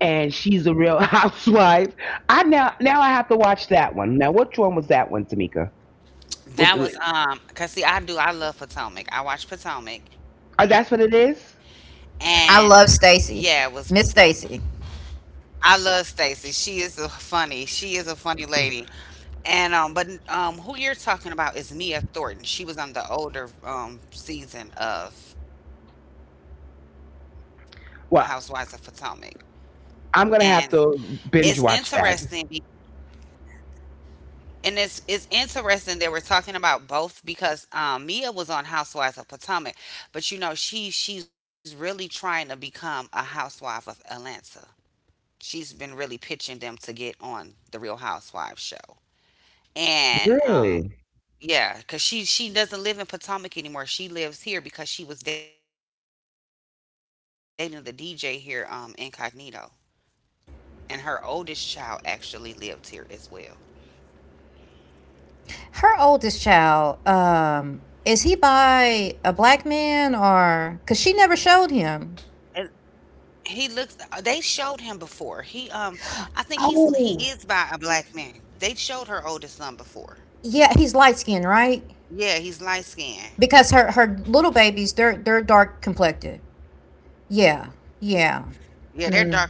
C: and she's a Real Housewife. I now I have to watch that one. Now, which one was that one, Tamika? With
B: That was
C: the,
B: cause see, I do, I love Potomac. I watch Potomac,
C: oh, that's what it
B: and
C: is.
B: yeah, it was
A: I love
B: Potomac.
A: Stacy, Miss Stacy.
B: I love Stacy. She is a funny lady. And but who you're talking about is Mia Thornton. She was on the older season of Housewives of Potomac.
C: Well,
B: And it's
C: I'm
B: interesting
C: gonna
B: be
C: have to binge watch that.
B: and It's interesting that we're talking about both because Mia was on Housewives of Potomac, but you know she's really trying to become a housewife of Atlanta. She's been really pitching them to get on the Real Housewives show, and
C: Really?
B: yeah, cause she doesn't live in Potomac anymore. She lives here because she was dating the DJ here, incognito, and her oldest child actually lived here as well.
A: Her oldest child, is he by a black man, or? Because she never showed him.
B: He looks they showed him before. He I think he is by a black
A: Oh,
B: man. They showed her oldest son before.
A: yeah, he's light skinned, right?
B: Yeah, he's light skinned.
A: Because her little babies, they're dark complected.
B: Yeah, they're dark like that
A: Yeah,
B: guy. Like
A: yeah,
B: they're like
A: mm,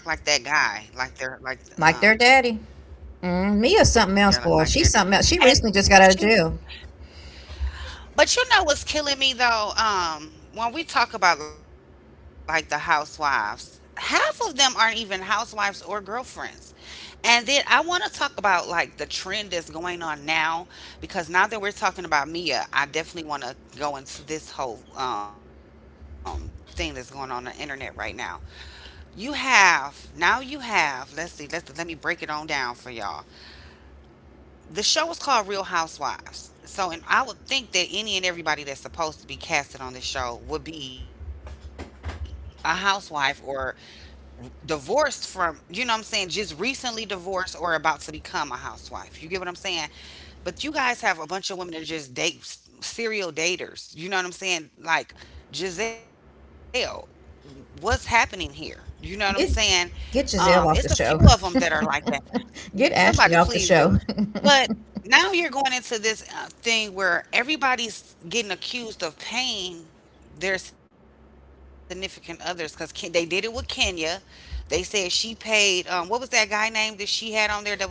A: like their daddy.
B: Yeah, like
A: Mm,
B: they're
A: Mia's something else,
B: and
A: boy. She's something else. She
B: she
A: recently just got out of jail.
B: but you know what's killing me though? When we talk about like the housewives, half of them aren't even housewives or girlfriends. And then I want to talk about like the trend that's going on now because now that we're talking about Mia, I definitely want to go into this whole thing that's going on the internet right now. You have now you have Let's see, let me break it on down for y'all. The show is called Real Housewives. So and I would think that any and everybody that's supposed to be casted on this show would be a housewife or divorced from, you know what I'm saying, just recently divorced or about to become a housewife. You get what I'm saying? But you guys have a bunch of women that just date serial daters. You know what I'm saying? Like Giselle, what's happening here? You know what I'm saying? It's
A: Get
B: a few of them that are
A: Giselle
B: like
A: off the
B: that.
A: show.
B: You- Somebody please
A: Get
B: do.
A: Ashley off the show.
B: But now you're going into this thing where everybody's getting accused of paying their significant others because they did it with Kenya. They said she paid. What was that guy name that she had on there that was supposed to be her boyfriend?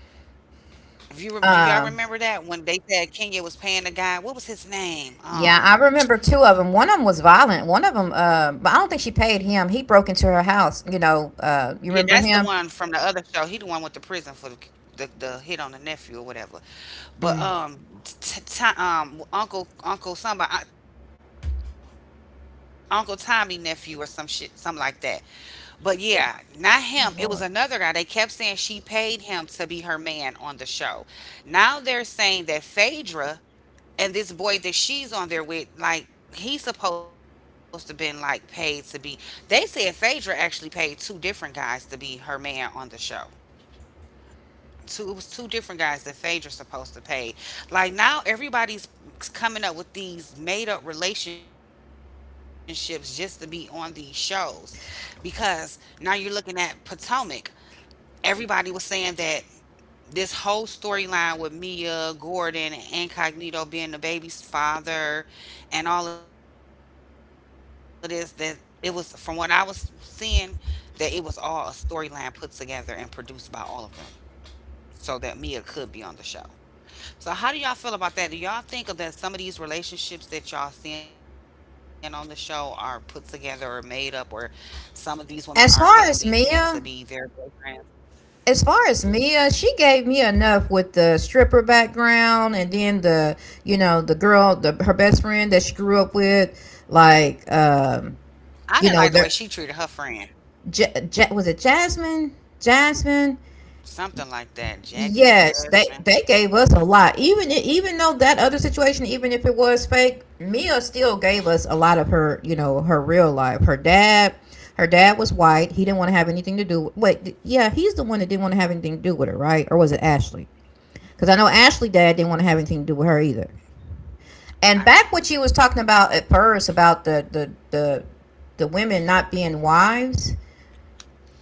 B: If you rem do y'all remember that when they
A: um,
B: said Kenya was paying the guy? What was his name?
A: Yeah, I remember two of them. One of them was violent. One of them, but I don't think she paid him. He broke into her house. You
B: Yeah,
A: know,
B: that's the
A: you
B: one
A: remember
B: from the
A: him?
B: other show. He the one with the prison for the hit on the nephew or whatever. But
A: Mm,
B: Uncle somebody Uncle Tommy nephew or some shit, something like that. But yeah, not him. It was another guy. They kept saying she
A: good
B: paid
A: Lord.
B: him to be her man on the show. Now they're saying that Phaedra and this boy that she's on there with, like, he's supposed to been like paid to be. They said Phaedra actually paid two different guys to be her man on the show. Two, it was two different guys that Phaedra's supposed to pay. Like now, everybody's coming up with these made up relationships just to be on these shows, because now you're looking at Potomac. Everybody was saying that this whole storyline with Mia, Gordon, Incognito being the baby's father, and all of this that it was from what I was seeing that it was all a storyline put together and produced by all of them so that Mia could be on the show. So how do y'all feel about that? Do y'all think of that some of these relationships that y'all seeing on the show are put together or made up or some of these women are paying these men to be
A: As
B: their
A: far as
B: boyfriends?
A: Mia, as far as Mia, she gave me enough with the stripper background, and then you know, the girl, the her best friend that she grew up with, like,
B: I didn't like the way she treated her
A: you know,
B: friend.
A: their, was it Jasmine? Jasmine.
B: Something like that. Jackie
A: Yes,
B: Jasmine.
A: they gave us a lot. Even even though that other situation, even if it was fake, Mia still gave us a lot of her, you know, her real life. Her dad was white. He didn't want to have anything to do. With, wait, yeah, he's the one that didn't want to have anything to do with her, right? Or was it Ashley? Because I know Ashley dad didn't want to have anything to do with her either. And
B: I
A: back what she was talking about at first about the the women not being wives,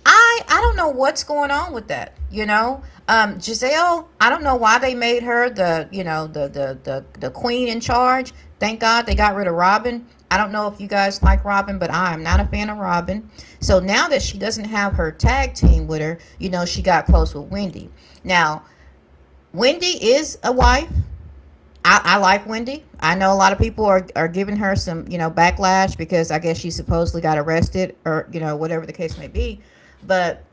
A: I don't know what's going on with that. You know, Giselle. I don't know why they made her the you know the queen in charge. Thank God they got rid of Robin. I don't know if you guys like Robin, but I am not a fan of Robin. So now that she doesn't have her tag team with her, you know she got close with Wendy. Now Wendy is a wife. I like Wendy. I know a lot of people are giving her some, you know, backlash because I guess she supposedly got arrested or, you know, whatever the case may be. But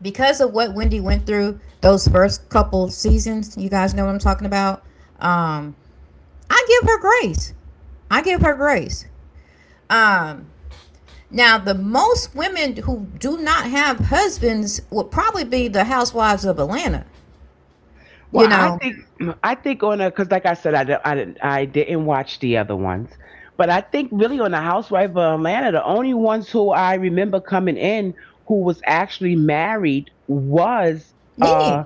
A: because of what Wendy went through those first couple seasons, you guys know what I'm talking about. Um, I give her grace. I give her grace. Um, Now, the most women who do not have husbands would probably be the housewives of Atlanta.
C: Well,
A: You know,
C: I think on a because like I said, I didn't watch the other ones, but I think really on the Housewife of Atlanta, the only ones who I remember coming in who was actually married was
A: Nene,
C: uh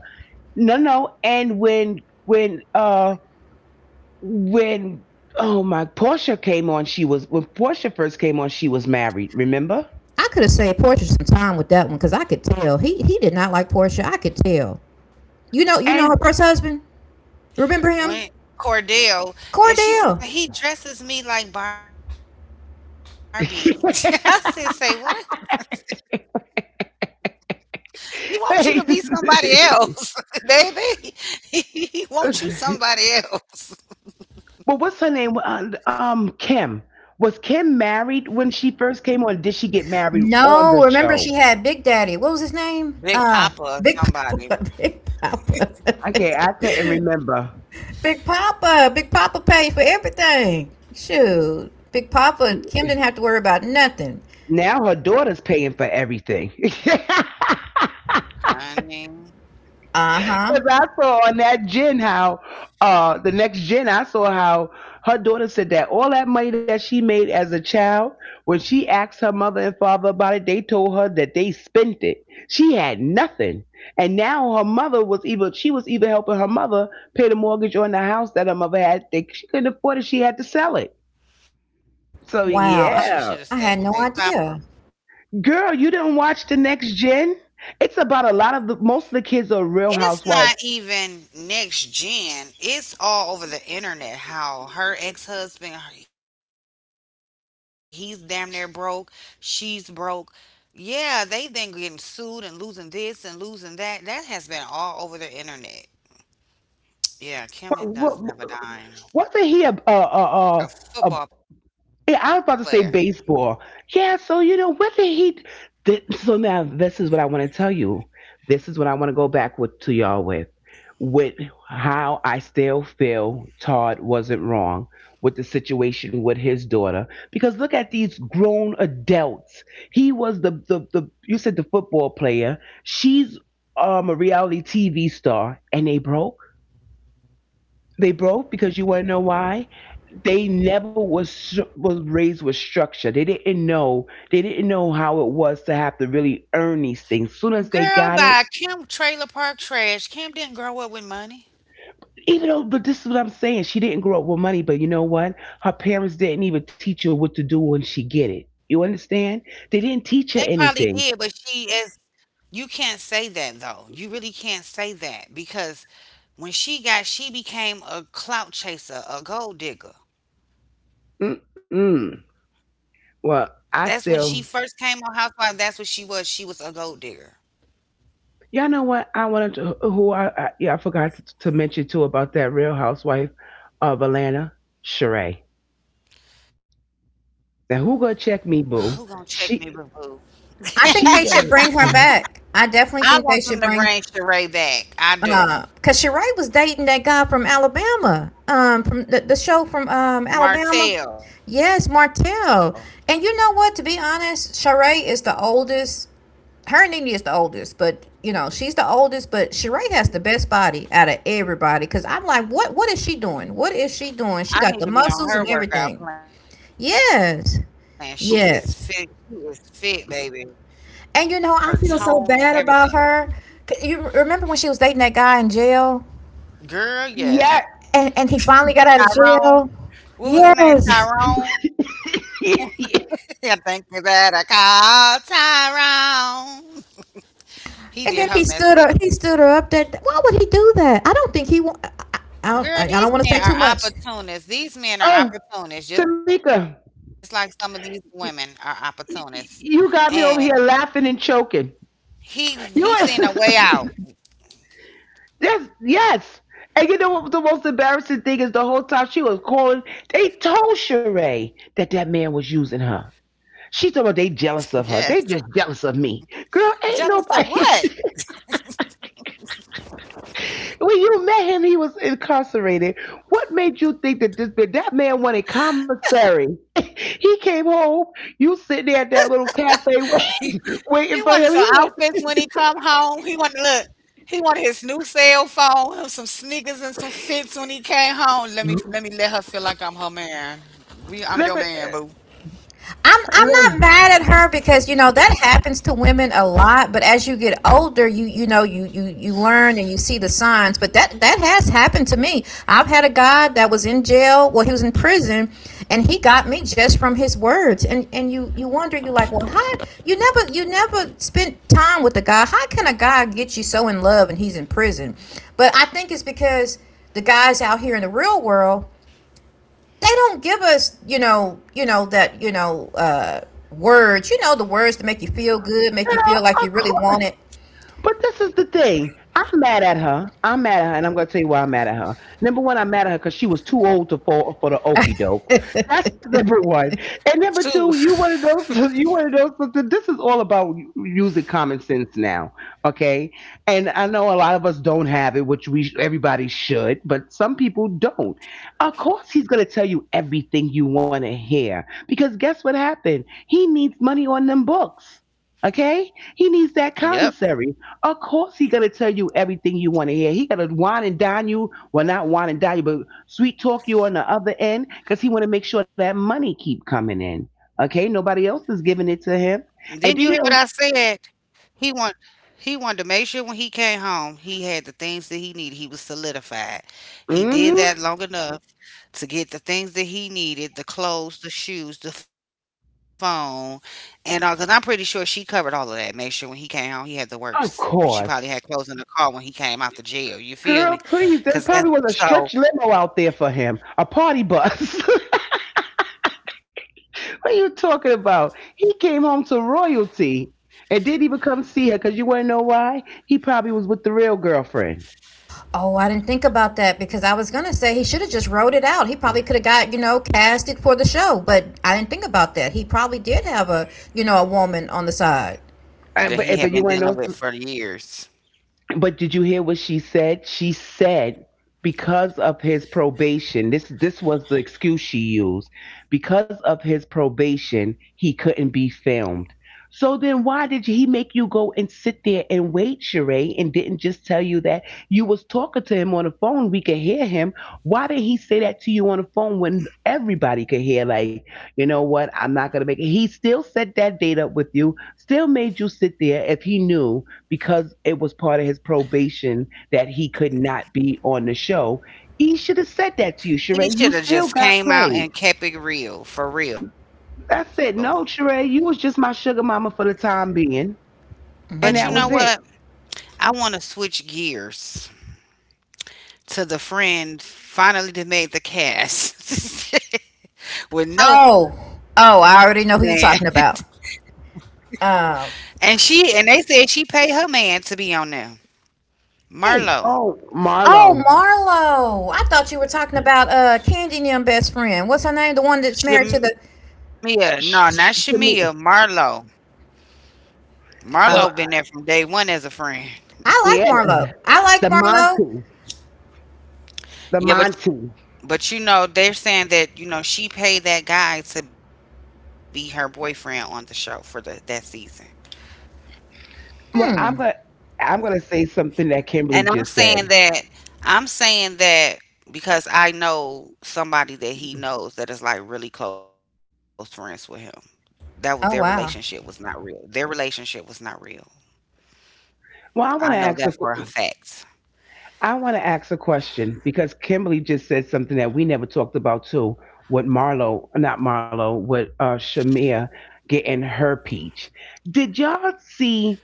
C: no, and when oh my Portia came on, she was when Portia first came on, she was married. Remember
A: I could have saved Portia some time with that one because I could tell he did not like Portia. I could tell. You know
C: and.
A: her first husband. Remember
B: went
A: him,
B: Cordell, and she says
A: Cordell.
B: he dresses me like Barbie. I said, "Say what? He wants you to be somebody else, baby. He wants you somebody else.
C: Well, what's her name? Kim. Was Kim married when she first came on? Did she get married on
A: No,
C: the
A: remember
C: show?
A: she had Big Daddy. What was his name?
B: Big Papa, or
A: Big
B: somebody,
A: Papa. Big Papa.
C: Okay, I couldn't remember.
A: Big Papa. Big Papa paid for everything. Shoot, Big Papa. Kim didn't have to worry about nothing.
C: Now her daughter's paying for everything.
B: honey.
A: Uh huh.
C: Because I saw on that gen how the next gen I saw how her daughter said that all that money that she made as a child, when she asked her mother and father about it, they told her that they spent it. She had nothing. And now her mother was either she was either helping her mother pay the mortgage on the house that her mother had. She couldn't afford it, she had to sell it.
B: She
A: Wow, I
B: should have
A: had
C: So
A: no
B: stayed with Big
A: idea.
C: yeah.
B: Papa.
C: Girl, you didn't watch the next gen? It's about a lot of the most of the kids are real
B: It's not
C: housewives.
B: even next gen. It's all over the internet how her ex husband, he's damn near broke. She's broke. Yeah, they've been getting sued and losing this and losing that. That has been all over the internet. Yeah, Kim had- does never dime.
C: wasn't he a a a,
B: A
C: a,
B: football
C: a
B: player.
C: yeah, I was about to say baseball. Yeah, so you know, what did he so now this is what I want to tell you. This is what I want to go back with to y'all with how I still feel Todd wasn't wrong with the situation with his daughter because look at these grown adults. He was the you said the football player. She's a reality TV star and they broke because you want to know why? They never was raised with structure. They didn't know. They didn't know how it was to have to really earn these things. Soon as
B: Girl,
C: they got
B: by
C: it,
B: Kim Trailer Park Trash. Kim didn't grow up with money.
C: even though, but this is what I'm saying. She didn't grow up with money, but you know what? Her parents didn't even teach her what to do when she get it. You
B: They
C: understand?
B: probably
C: They
B: did, but
C: didn't
B: she
C: teach her
B: is.
C: anything.
B: You can't say that though. You really can't say that because when she got, she became a clout chaser, a gold digger.
C: Mm-mm.
B: That's when she
C: Well,
B: first
C: I
B: came on
C: still,
B: Housewives. That's what she was. She was a gold digger.
C: y'all know what? I wanted to. Who I yeah, I forgot to mention too about that Real Housewife of Atlanta, Sheree. Now
B: Who
C: who
B: gonna
C: gonna
B: check
C: check
B: me,
C: me,
B: boo
C: boo?
B: boo?
C: She
A: I think
C: she's
A: they
C: a
A: should bring her back. I
B: I
A: definitely
B: want
A: think
B: them to
A: they should
B: bring
A: bring.
B: Sheree back. I do.
A: Cause Shirai was dating that guy from Alabama, from the show from Alabama.
B: Martell.
A: Yes, Martell. And you know what? To be honest, Shirai is the oldest. Her and Nene is the oldest, but you know she's the oldest. But Shirai has the best body out of everybody. Cause I'm like, what? What is she doing? What is she doing? She
B: I
A: got
B: need
A: the
B: to be on
A: muscles
B: her
A: and
B: workout
A: everything.
B: plan. She is fit. She
A: Yes,
B: is fit, baby.
A: yes.
B: Her
A: And you know,
B: tone and
A: I feel so
B: everything.
A: bad about her. 'Cause you remember when she was dating that guy in jail?
B: Girl, yes.
C: yeah.
A: And he finally got out of
B: Tyrone.
A: jail.
B: What was his name?
A: Yes,
B: Tyrone. I think that I call Tyrone. He did her
A: and
B: messed
A: then he
B: up.
A: stood her. He stood her up. That why would he do that? I don't think he. I I don't,
B: Girl,
A: I don't
B: these
A: want to
B: men
A: say
B: are
A: too much.
B: opportunists. These men are
C: oh,
B: opportunists, just like some of
C: Tamika,
B: these women are
C: y-
B: opportunists. And
C: you got me over here laughing and choking.
B: he
C: You
B: seen a way
C: was
B: out.
C: yes, yes. And you know what the most embarrassing thing is? The whole time she was calling, they told Sheree that that man was using her. She told me they
B: Yes.
C: jealous of her. They just jealous of me. Girl, ain't
B: Jealous of
C: nobody.
B: what?
C: When you met him, he was incarcerated. What made you think that this that man wanted commissary? he came
B: He,
C: home. You
B: he
C: sitting there
B: wanted
C: at
B: some
C: that little
B: outfits
C: cafe
B: when he come
C: wait-
B: home.
C: waiting
B: He
C: for him.
B: wanted
C: He
B: look.
C: ain't.
B: He wanted his new cell phone, some sneakers and some fits when he came home. Let her feel like I'm her man. We I'm your man, boo.
C: Let me,
A: I'm
C: let-
A: not
C: me-
A: mad at her because you know that happens to women a lot. But as you get older, you know you learn and you see the signs. But that that has happened to me. I've had a guy that was in jail. Well, he was in prison, and he got me just from his words. And you wonder you like, well, how you never spent time with a guy. How can a guy get you so in love and he's in prison? But I think it's because the guys out here in the real world, they don't give us you know that you know words, the words to make you feel good, make you
C: girl,
A: feel like you
C: of
A: really want it.
C: But this is the thing. I'm mad at her. I'm mad at her, and I'm going to tell you why I'm mad at her. Number one, I'm mad at her because she was too old to fall for the okey doke. That's number one. And
B: Too.
C: number two, you one of those. You one of those. But This is all about using common sense now, okay? And I know a lot of us don't have it, which we everybody should, but some people don't. Of course, he's going to tell you everything you want to hear because guess what happened? He needs money on them books. Okay, he needs that
B: Yep.
C: commissary. Of course, he gonna tell you everything you want to hear. He gonna wine and dine you, well, not wine and dine you, but sweet talk you on the other end, cause he want to make sure that money keep coming in. Okay, nobody else is giving it to
B: Didn't you
C: him.
B: hear what I
C: And do you
B: said?
C: know,
B: He want he wanted to make sure when he came home he had the things that he needed. He was solidified. He
C: mm-hmm,
B: did that long enough to get the things that he needed, the clothes, the shoes, the phone, and all because I'm pretty sure she covered all of that. Make sure when he came home he had the
C: of
B: works.
C: course,
B: She probably had clothes in the car when he came out the jail.
C: girl,
B: You
C: please.
B: feel me?
C: There probably was a
B: Because that's
C: stretch limo out
B: so
C: there for him, a party bus. what are you talking about? He came home to royalty, and didn't even come see her, cause you wanna know why? He probably was with the real girlfriend.
A: Oh, I didn't think about that, because I was gonna say he should have just wrote it out. He probably could have got, cast it for the show. But I didn't think about that. He probably did have a, a woman on the side.
C: Uh, but but you
B: that
C: wanna
B: he
C: know
B: had been dealing with for years.
C: But did you hear what she said? She said because of his probation, this was the excuse she used. Because of his probation, he couldn't be filmed. So then why did he make you go and sit there and wait, Sheree, and didn't just tell you that you was talking to him on the phone, we could hear him. Why did he say that to you on the phone when everybody could hear like, you know what, I'm not gonna make it. He still set that date up with you, still made you sit there if he knew because it was part of his probation that he could not be on the show. He should have said that to you, Sheree.
B: He
C: You
B: should have
C: still
B: just
C: got
B: came out
C: played.
B: and kept it real, for real.
C: I said, no, Sheree, you was just my sugar mama for the time being.
B: But
C: And
B: you
C: that
B: know
C: was
A: Hmm.
B: what?
C: it.
B: I want to switch gears to the friend finally that made the cast with
A: oh
B: no man,
A: oh i already know who you're talking about.
B: and
A: Um,
B: she and they said she paid her man to be on there.
A: hey.
C: Oh,
B: Marlo,
A: Oh,
C: Marlo.
A: Marlo. I thought you were talking about Candy and them best friend. What's her name? The one that's married to the—
B: Shamia,
C: Sh-
B: no,
C: sh-
B: not
C: Shami-
B: Shamia, Marlo.
C: um,
A: Well,
B: Marlo been there from day one as a friend.
A: I
C: yeah,
A: like Marlo. I like
C: the
A: Marlo.
C: Monty. The
B: Yeah, but
C: Monty.
B: but you know they're saying that you know she paid that guy to be her boyfriend on the show for the that season.
C: Well, I'm
A: Hmm.
C: going to I'm gonna say something that
B: And
C: Kimberly just said.
B: I'm saying that Because I know somebody that he knows that is like really close friends with him. That was Their relationship
A: Oh
B: was not
A: wow.
B: real. Their relationship was not real.
C: Well,
B: I
C: I
B: know
C: want to
B: that
C: ask
B: for
C: a,
B: a fact.
C: I want to ask a question because Kimberly just said something that we never talked about too. With Marlo, not Marlo, with Shamia getting her peach. Did y'all see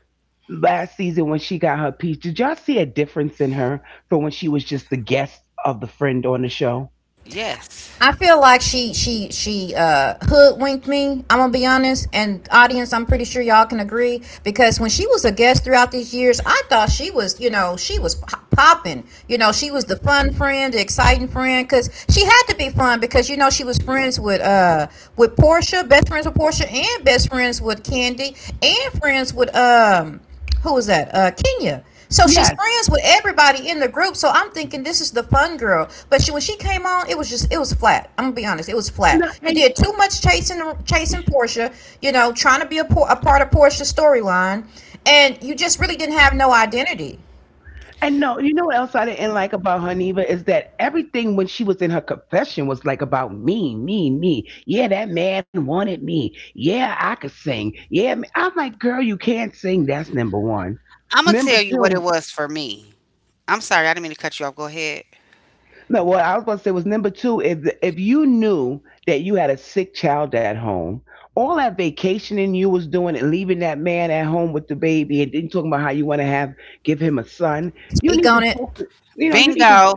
C: last season when she got her peach? Did y'all see a difference in her from when she was just the guest of the friend on the show?
B: Yes.
A: I feel like she hoodwinked me. I'm gonna be honest, and audience, I'm pretty sure y'all can agree, because when she was a guest throughout these years, I thought she was, you know, she was popping. You know, she was the fun friend, the exciting friend, because she had to be fun, because you know she was friends with Portia, best friends with Portia, and best friends with Candy, and friends with. Who was that? Kenya. So she's
C: Yes.
A: friends with everybody in the group. So I'm thinking this is the fun girl. But she, when she came on, it was just, it was flat. I'm gonna be honest, it was flat.
C: No,
A: You did too much chasing Portia. You know, trying to be a, a part of Portia's storyline, and you just really didn't have no identity.
C: and no, you know what else I didn't like about her, Neva, is that everything when she was in her confession was like about me, me, me. Yeah, that man wanted me. Yeah, I could sing. I'm like, girl, you can't sing. That's number one.
B: I'm gonna tell
C: Number
B: you what it
C: two,
B: was for me. I'm sorry, I didn't mean to cut you off. Go ahead.
C: no, what I was about to say was number two, if you knew that you had a sick child at home, all that vacationing you was doing and leaving that man at home with the baby and then talking about how you want to have give him a son, you
A: Speak
C: need
A: on
C: to
A: it.
C: focus you know, you need to
B: Bingo.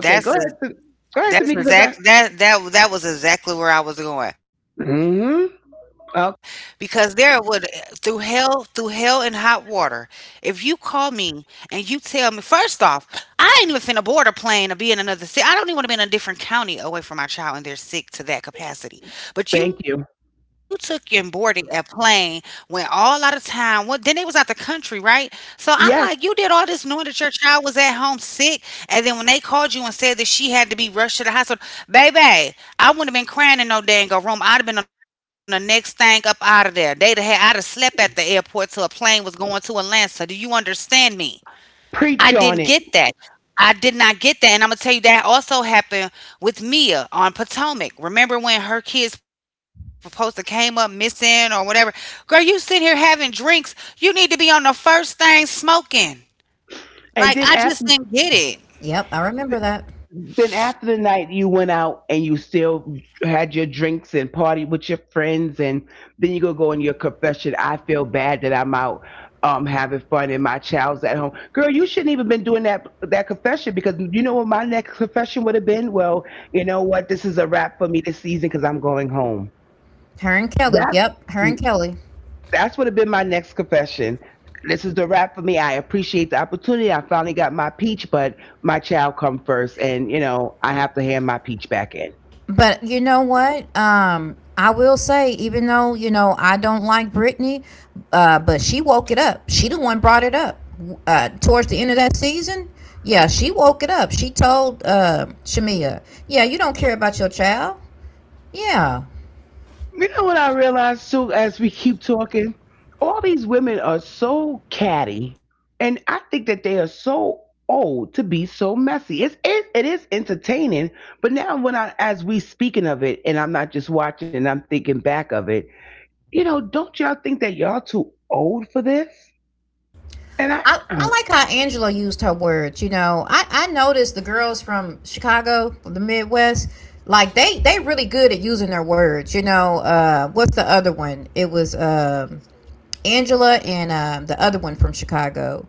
C: Okay, go ahead. Go ahead,
B: That's
C: Tamika, because
B: exact
C: I.
B: that that that was exactly where I was going. Because there
C: hmm
B: would Through
C: Oh,
B: hell, and hot water, if you call me and you tell me first off, I ain't even finna board a plane to be in another city. I don't even want to be in a different county away from my child and they're sick to that capacity. But you took and
C: thank
B: boarded
C: you.
B: a plane, went all out of town. What then they was out the country, right? So I'm like, you did all this knowing that
C: Yes,
B: your child was at home sick, and then when they called you and said that she had to be rushed to the hospital, baby, I wouldn't have been crying in no dang old room. I'd have been on the next thing up out of there. I'd have slept at the airport till a plane was going to Atlanta. Do you understand me? I didn't get
C: preach on
B: that.
C: it.
B: I did not get that. And I'm going to tell you that also happened with Mia on Potomac. Remember when her kids supposed to came up missing or whatever? Girl, you sit here having drinks. You need to be on the first thing smoking.
C: And
B: Like, I just didn't get it.
A: Yep, I remember that.
C: then after the night, you went out and you still had your drinks and party with your friends, and then you go go in your confession. I feel bad that I'm out. Having fun and my child's at home. Girl, you shouldn't even been doing that confession because you know what my next confession would have been. Well, you know what, this is a wrap for me this season because I'm going home.
A: Her and Kelly.
C: That
A: Yep, her and Kelly.
C: That's what would have been my next confession. This is the wrap for me. I appreciate the opportunity. I finally got my peach, but my child come first, and you know I have to hand my peach back in.
A: But you know what? I will say, even though you know I don't like Britney, but she woke it up. She the one brought it up towards the end of that season. Yeah, she woke it up. She told Shamia, "Yeah, you don't care about your child." Yeah,
C: You know what I realized too, as we keep talking, all these women are so catty, and I think that they are so old to be so messy. It is entertaining, but now when I as we speaking of it, and I'm not just watching, I'm thinking back of it. You know, don't y'all think that y'all too old for this? And I
A: I like how Angela used her words. You know, I noticed the girls from Chicago, from the Midwest, like they really good at using their words. You know, what's the other one? It was. Um, Angela and the other one from Chicago.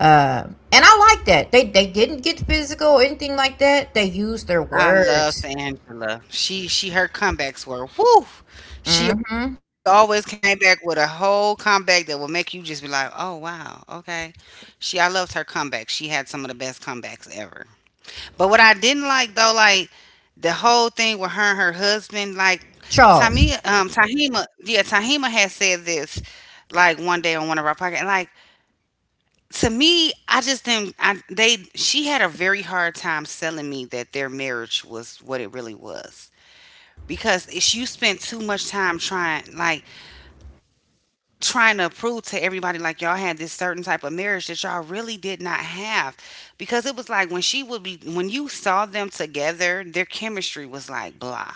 A: And I like that. They didn't get physical or anything like that. They used their words.
B: I loved Angela. She, her comebacks were woo. She always came back with a whole comeback that would make you just be like, "Oh wow, okay." She I loved her comeback. She had some of the best comebacks ever. But what I didn't like though, like the whole thing with her and her husband, like
A: Charles—
B: Tamia, Tahima, yeah, Tahima had said this like one day on one of our podcasts, like to me, I just didn't. I, they she had a very hard time selling me that their marriage was what it really was because you spent too much time trying like trying to prove to everybody like y'all had this certain type of marriage that y'all really did not have because it was like when she would be when you saw them together their chemistry was like blah,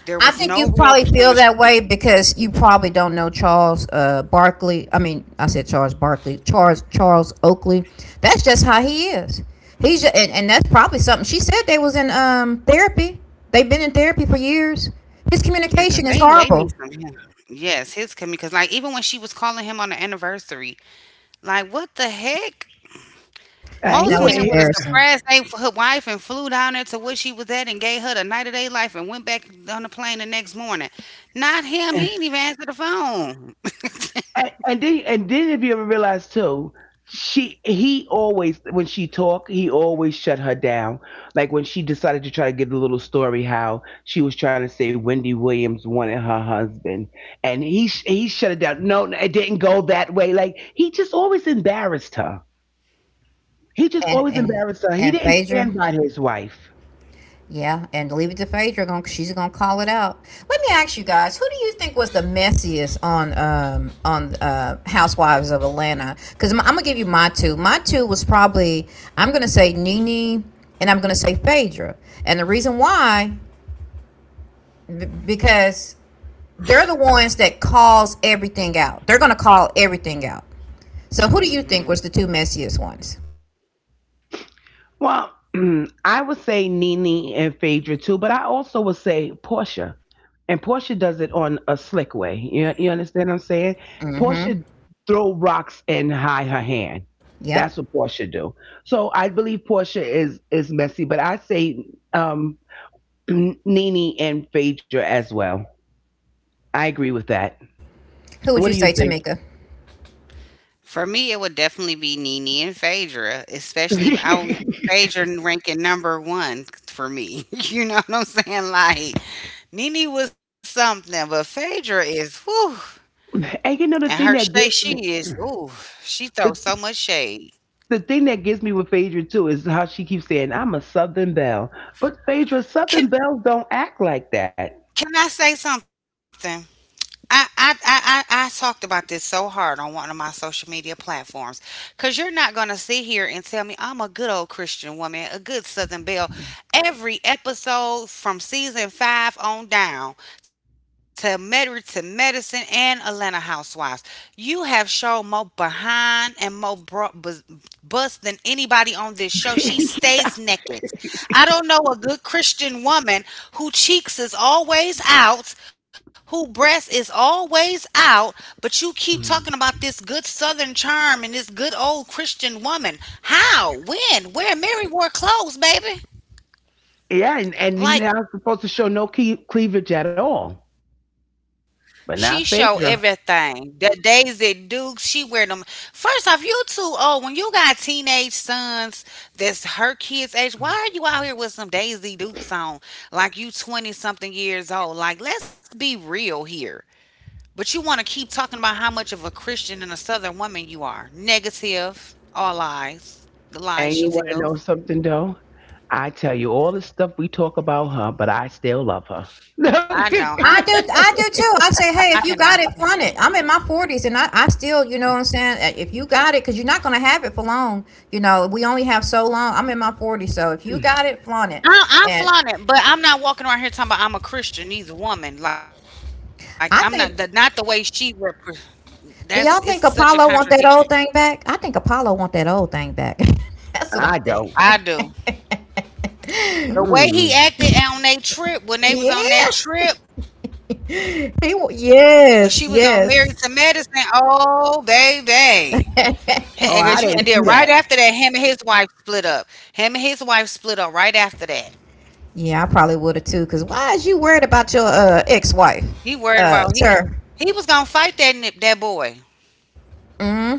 B: there
A: I
B: was
A: think you
B: no real
A: probably feel that
B: chemistry.
A: way because you probably don't know Charles Barkley. I mean, I said Charles Barkley. Charles Oakley. That's just how he is. And that's probably something, she said they was in therapy. They've been in therapy for years. His
B: Yeah, because
A: communication is
B: they need
A: horrible.
B: some. Yeah, yes, his coming because like even when she was calling him on the anniversary, like what the heck. Most
A: That
B: men
A: was
C: Anyway,
B: would have
A: embarrassing.
B: surprised they her wife and flew down there to where she was at and gave her the night of their life and went back on the plane the next morning. Not him.
C: and,
B: He didn't even answer the phone.
C: and then if you ever realize too, she he always when she talked, he always shut her down. Like when she decided to try to give the little story how she was trying to say Wendy Williams wanted her husband, and he shut it down. No, no, it didn't go that way. Like he just always embarrassed her. He just
A: And
C: always
A: and
C: embarrassed her. He
A: and
C: didn't
A: Phaedra,
C: stand by his wife.
A: yeah, and leave it to Phaedra. She's gonna call it out. Let me ask you guys: who do you think was the messiest on on Housewives of Atlanta? Because I'm gonna give you my two. My two was probably— I'm gonna say Nene, and I'm gonna say Phaedra. And the reason why, because they're the ones that calls everything out. They're gonna call everything out. So who do you think
B: Hmm.
A: was the two messiest ones?
C: Well, I would say Nene and Phaedra too, but I also would say Portia. And Portia does it on a slick way. You understand what I'm saying?
A: Mm-hmm.
C: Portia throw rocks and hide her hand.
A: Yep.
C: That's what Portia do. So I believe Portia is messy, but I say um, Nene and Phaedra as well. I agree with that.
A: Who would
C: What
A: you
C: do you
A: say,
C: think?
A: Tamika?
B: For me, it would definitely be Nene and Phaedra, especially if I would Phaedra ranking number one for me. You know what I'm saying? Like Nene was something, but Phaedra is whew.
C: and you know
B: And
C: the
B: her
C: thing that
B: shade,
C: gets
B: she
C: me,
B: is ooh, she throws
C: the
B: so much shade.
C: the thing that gets me with Phaedra too is how she keeps saying, I'm a Southern Belle. But Phaedra,
B: Can
C: Southern Bells don't act like that.
B: I say something? I talked about this so hard on one of my social media platforms because you're not going to sit here and tell me I'm a good old Christian woman, a good Southern Belle. Every episode from season five on down to Married to Medicine and Atlanta Housewives, you have shown more behind and more bust than anybody on this show. She stays naked. I don't know a good Christian woman who cheeks is always out, who breast is always out, but you keep talking about this good southern charm and this good old Christian woman. How? When? Where Mary wore clothes, baby?
C: yeah,
B: Like
C: and you're not supposed to show no cle- cleavage at all.
B: she show
C: But not
B: everything.
C: Phaedra.
B: The Daisy Duke's, she wear them. First off, you too old. When you got teenage sons that's her kids' age, why are you out here with some Daisy Dukes on? Like you twenty something years old. Like let's be real here. But you want to keep talking about how much of a Christian and a Southern woman you are. Negative, all lies, the lies she
C: And you want to
B: tells.
C: know something though? I tell you all the stuff we talk about her, but I still love her.
B: I don't. I cannot.
A: I do too. I say, hey, if you got it, flaunt it. I'm in my 40s, and I still, you know what I'm saying? Eh, if you got it, because you're not going to have it for long. You know, we only have so long. I'm in my 40s. So if you got it, flaunt it.
B: I,
A: And
B: I'm it, but I'm not walking around here talking about I'm a Christian either woman. Like I'm not the way
A: I
B: she
A: think,
B: repre-, that's, it's such a
A: do y'all think
B: contradiction.
A: Apollo want that old thing back? I think Apollo want that old thing back. That's what I
C: I
A: think.
C: don't.
B: I do. The way he
C: Mm.
B: acted on that trip when they was on that
A: Yeah.
B: trip when she was on Married to Medicine.
A: Yes, yes.
B: Oh baby. Because you and then right
C: Oh,
B: after
C: I
B: that,
C: didn't
B: him and
C: see
B: his
C: that.
B: wife split up. Him and his wife split up right after that.
A: Yeah, I probably would have too. Because why is you worried about your ex wife,
B: He worried about he
A: sir?
B: he was gonna fight that nip that boy.
A: Mm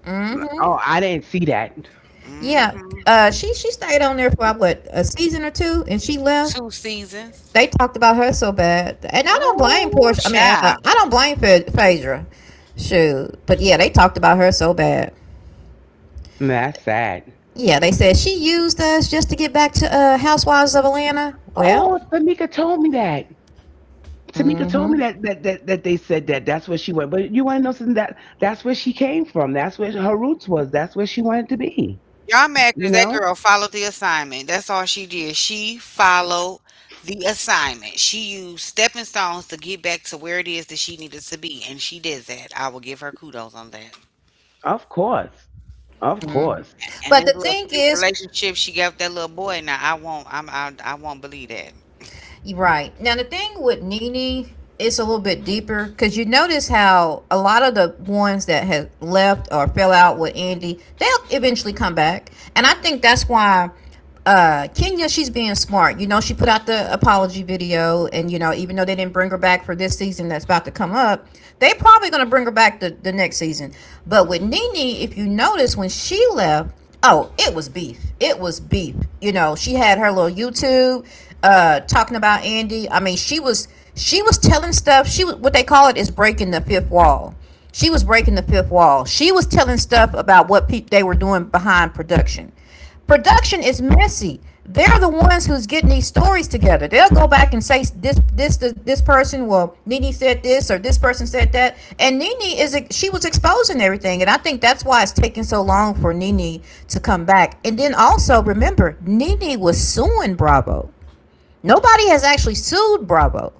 A: hmm.
C: Oh, I didn't see that.
A: Yeah,
B: Hmm.
A: she stayed on there for what, a season or two, and she left.
B: Two seasons.
A: They talked about her so bad, and I don't blame
B: Ooh,
A: Portia. I mean, uh,
B: child.
A: I don't blame Pha- Phaedra. Shoot, but yeah, they talked about her so bad.
C: That's sad.
A: Yeah, they said she used us just to get back to Housewives of Atlanta. Well,
C: Oh, Tamika told me that. Tamika told
A: hmm,
C: me that they said that that's where she went. But you want to know something that that's where she came from. That's where her roots was. That's where she wanted to be.
B: Y'all mad
C: You
B: because that
C: know?
B: girl followed the assignment. That's all she did. She followed the assignment. She used stepping stones to get back to where it is that she needed to be, and she did that. I will give her kudos on that.
C: Of course. Of course.
B: And this
A: but the
B: little
A: thing
B: fake
A: is,
B: relationship she got with that little boy, now I won't believe that.
A: right. Now, the thing with Nene, it's a little bit deeper because you notice how a lot of the ones that have left or fell out with Andy, they'll eventually come back. And I think that's why Kenya, she's being smart. You know, she put out the apology video, and, you know, even though they didn't bring her back for this season that's about to come up, they probably going to bring her back the next season. But with Nene, if you notice, when she left, oh, it was beef. It was beef. You know, she had her little YouTube, talking about Andy. I mean, she was telling stuff. She was— what they call it is breaking the fifth wall. She was breaking the fifth wall. She was telling stuff about what they were doing behind production. Production is messy. They're the ones who's getting these stories together. They'll go back and say this, this, this, this person. Well, Nene said this, or this person said that, and Nene is she was exposing everything, and I think that's why it's taking so long for Nene to come back. And then also remember, Nene was suing Bravo. Nobody has actually sued Bravo.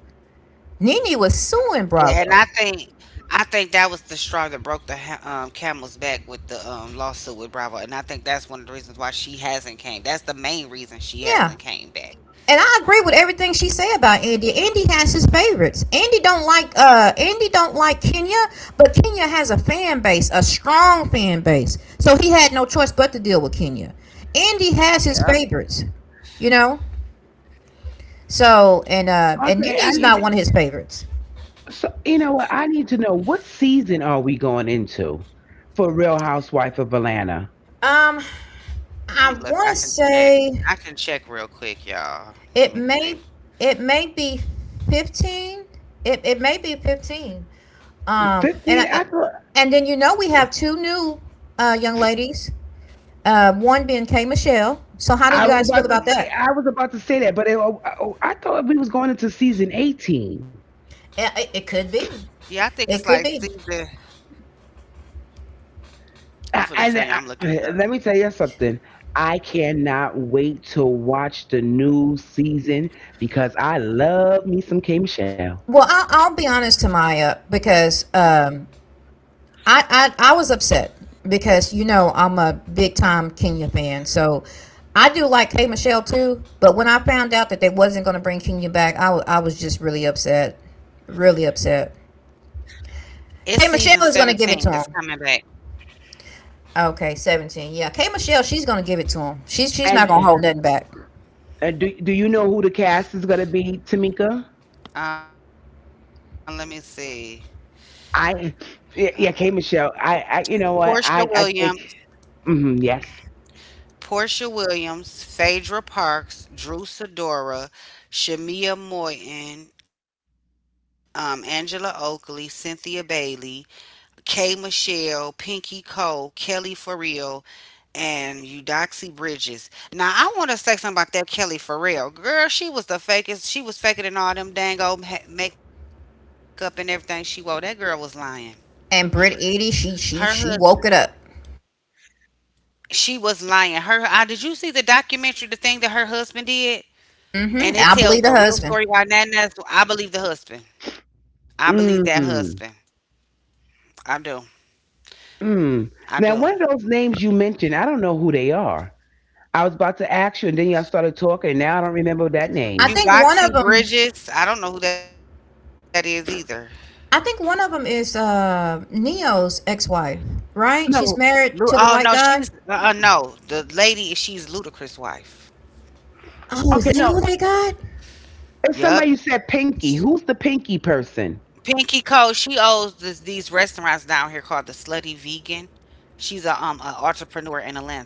A: Nene was
B: Yeah, and I
A: suing
B: think,
A: Bravo.
B: I think that was the straw that broke the camel's back with the lawsuit with Bravo, and I think that's one of the reasons why she hasn't came. That's the main reason she hasn't came
A: Yeah.
B: back.
A: And I agree with everything she said about Andy. Andy has his favorites. Andy don't like Kenya, but Kenya has a fan base, a strong fan base. So he had no choice but to deal with Kenya. Andy
B: Yep.
A: has his favorites, you know. So and
C: Okay, I
A: Nene's not
C: need
A: one of his favorites.
C: so you know what? I need to know what season are we going into for Real Housewife of Atlanta?
A: Um,
B: Let me
A: I
B: look.
A: want
B: I
A: to
B: can check.
A: say,
B: I can check real quick, y'all.
A: it
B: Let me
A: may,
B: see.
A: it may be 15. It it may be 15. Um and
C: 15 I
A: I,
C: thought
A: and then you know we have two new young ladies. Uh, one being K Michelle. So how do you guys feel about
B: Mm,
A: that?
C: I was about to say that, but oh, oh, I thought we was going into season 18.
B: yeah, I
A: Yeah,
B: think it's
A: it
B: like
A: could be.
B: season.
A: It could be.
B: I'm gonna tell you. I'm looking it up.
C: Let me tell you something. I cannot wait to watch the new season because I love me some K Michelle.
A: Well, I'll be honest to Maya, because I was upset because you know I'm a big time Kenya fan, so I do like K Michelle too. But when I found out that they wasn't going to bring Kenya back, I was just really upset, really upset.
B: It's season
A: K
B: 17 that's
A: Michelle is
B: coming
A: going to
B: back.
A: give it to him. Okay, 17. Yeah, K Michelle, she's going to give it to him. She's
C: And
A: not going to hold nothing back.
C: do do you know who the cast is going to be, Tamika?
B: Let me see. Uh,
C: I yeah, yeah, K Michelle. I you know
B: Portia
C: what? I
B: Williams,
C: think mm, yes.
B: Phaedra Parks, Drew Sidora, Shamia Moyton, Angela Oakley, Cynthia Bailey, Kay Michelle, Pinky Cole, Kelly For and Eudoxie Bridges. Now I want to say something about that Kelly Farrell girl. She was the fakest. She was faking in all them dang old makeup and everything she wore. That girl was lying.
A: And Britt Edie,
B: Her
A: she
B: husband.
A: woke it up.
B: She was lying. Her. Did you see the documentary? The thing that her husband did,
A: Mm hmm,
B: and it
A: I
B: tells
A: believe the
B: the real
A: husband.
B: story why Nana's. I believe the husband. I believe that husband.
C: Mm,
B: I do. I
C: mm.
B: do.
C: Now one of those names you mentioned, I don't know who they are. I was about to ask you, and then y'all started talking, and now I don't remember that
A: I
C: name.
A: think one
B: Eudoxie
A: of them.
B: Bridges. I don't know who that is either.
A: I think one of them is Neo's ex-wife, right? She's
C: No.
A: married to
B: Oh
A: the
B: no,
A: white
B: she's
A: guy.
B: uh, uh no, the lady. She's Ludacris' wife.
A: Oh,
C: Okay,
A: is that
C: no.
A: who they got?
C: It's
B: Yup.
C: somebody you said Pinky. Who's the Pinky
B: Pinky Cole,
C: person?
B: she owes these restaurants down here called the Slutty Vegan. She's a an entrepreneur in Atlanta.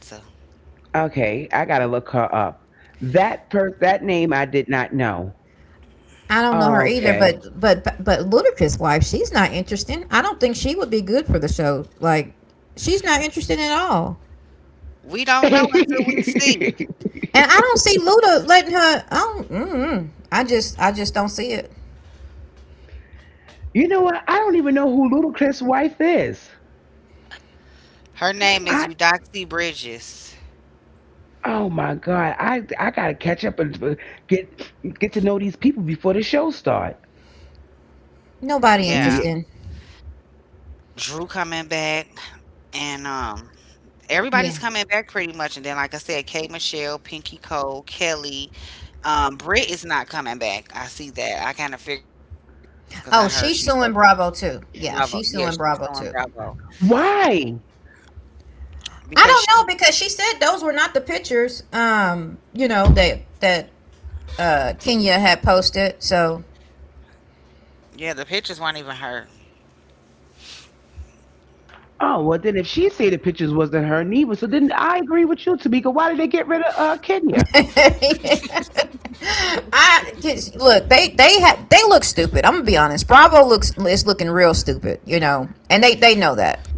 C: Okay, I gotta look her up. That per that name I did not know.
A: I don't know her either,
C: Okay.
A: but but Ludacris' wife, she's not interesting. I don't think she would be good for the show. Like, she's not interesting at all.
B: We don't know until we
C: you
B: see.
A: And I don't see Luda letting her. I don't. Mm-mm. I just don't see it.
C: know what? I don't even know who Ludacris' wife is.
B: Her name is
C: I
B: Eudoxie Bridges.
C: oh my god, I gotta catch up and get get to know these people before the show start.
B: Yeah,
A: Nobody
C: Yeah.
A: interesting.
B: Drew coming back, and everybody's coming
A: Yeah.
B: back pretty much. And then, like I said, Kay Michelle, Pinky Cole, Kelly, Britt is not coming back. I see that. I kind of figured she wasn't because I heard she's
A: Oh,
B: so
A: she's suing Bravo too.
B: Bravo.
A: Yeah,
B: Yeah,
A: she's
B: she's
A: suing
B: so in
A: Bravo too.
B: Bravo
C: Why?
A: I
B: because she,
A: don't know, because she said those were not the pictures. You know that Kenya had posted. So
B: yeah, the pictures weren't even her.
C: Oh well, then if she say the pictures wasn't her neither, so then I agree with you, Tamika. Why did they get rid of Kenya?
A: I look they look stupid. I'm gonna be honest. Bravo looks is looking real stupid. You know, and they know
B: Yeah.
A: that.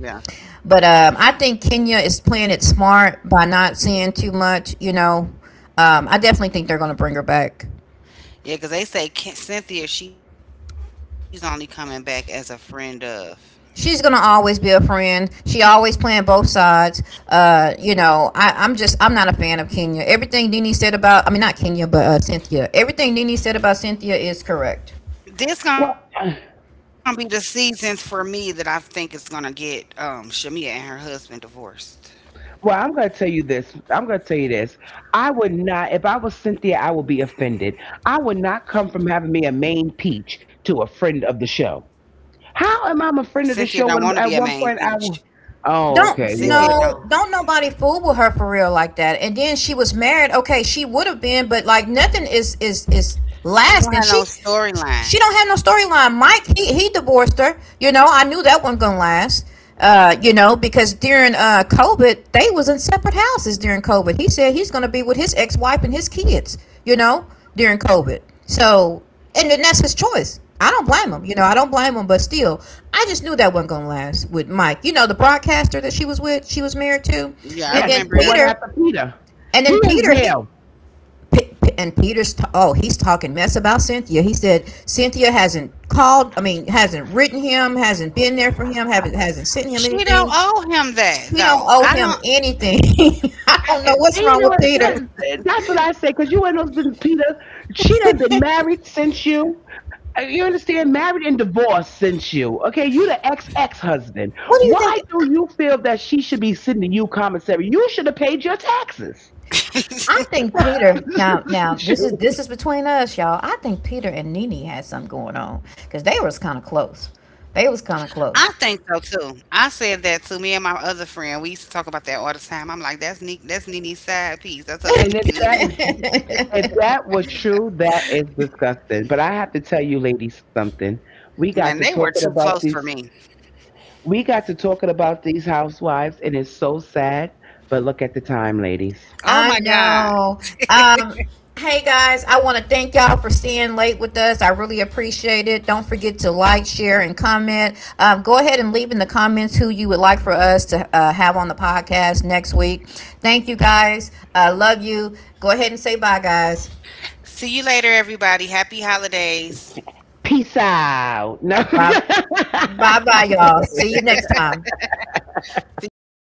A: But I think Kenya is playing it smart by not saying too much. You know, I definitely think they're gonna bring her back.
B: Yeah, 'cause they say Cynthia, she's only coming back as a friend of.
A: She's gonna always be a friend. She always playing both sides. You know, I, I'm just I'm not a fan of Kenya. Everything Nene said about— I mean not Kenya but Cynthia. Everything Nene said about Cynthia is correct.
B: This gonna be the seasons for me that I think is gonna get Shamia and her husband divorced.
C: Well, I'm going to tell you this. I'm going to tell you this. I would not, if I was Cynthia, I would be offended. I would not come from having me a main peach to a friend of the show.
B: Cynthia
C: How
B: don't
C: am I
B: want to
C: a
B: be a
C: friend of the
B: main
C: show when at
B: peach.
C: one point I was, oh,
B: Cynthia
C: okay,
B: don't.
C: well,
A: Don't nobody fool with her for real like that. And then she was married. Okay, she would have been, but like nothing is
B: She don't
A: lasting.
B: have no storyline.
A: She don't have no storyline. Mike, he divorced her. You know, I knew that wasn't gonna last. You know, because during COVID, they was in separate houses during COVID. He said he's gonna be with his ex wife and his kids. You know, during COVID. So and then that's his choice. I don't blame him. You know, I don't blame him, but still, I just knew that wasn't gonna last with Mike. You know, the broadcaster that she was with, she was married to,
B: Yeah, I
A: and
C: yeah,
A: then
B: remember
C: the
B: him.
C: one
A: Peter,
C: after Peter.
A: and then
C: He
A: Peter,
C: in
A: he,
C: jail.
A: and Peter's, oh, he's talking mess about Cynthia. He said Cynthia hasn't called, I mean, hasn't written him, hasn't been there for him, haven't,
B: She
A: hasn't sent him
B: don't owe
A: anything.
B: him that though.
A: She don't
B: I
A: owe
B: don't.
A: him anything. I don't know what's
C: And you
A: wrong
C: know
A: with
C: what?
A: Peter.
C: That's what I say because you and those Peter, she done been married since you. You understand? Married and divorced since you. Okay, you the ex ex husband.
A: What do you
C: Why
A: think?
C: do you feel that she should be sending you commissary? You should have paid your taxes.
A: I think Peter— now this is,
C: Shoot.
A: this is between us, y'all. I think Peter and Nene had something going on, because they was kind of close.
B: I
A: They
B: think
A: was kind
B: so
A: of close.
B: too. I said that to me and my other friend. We used to talk about that all the time. I'm like, that's Nick. That's Nene's side piece. That's her sneaky
C: And
B: link.
C: if that was true, that is disgusting. But I have to tell you, lady,
B: Man,
C: something.
B: they were too
C: We
B: close
C: got to
B: for me.
C: talking about these. We got to talking about these housewives, and it's so sad. But look at the time, ladies.
B: Oh
A: I
B: my God.
A: know. Um, hey guys, I want to thank y'all for staying late with us. I really appreciate it. Don't forget to like, share, and comment. Go ahead and leave in the comments who you would like for us to have on the podcast next week. Thank you guys. I love you. Go ahead and say bye, guys.
B: See you later, everybody. Happy holidays.
C: Peace out. No.
A: Bye. Bye bye, y'all. See you next time.
B: See you next time.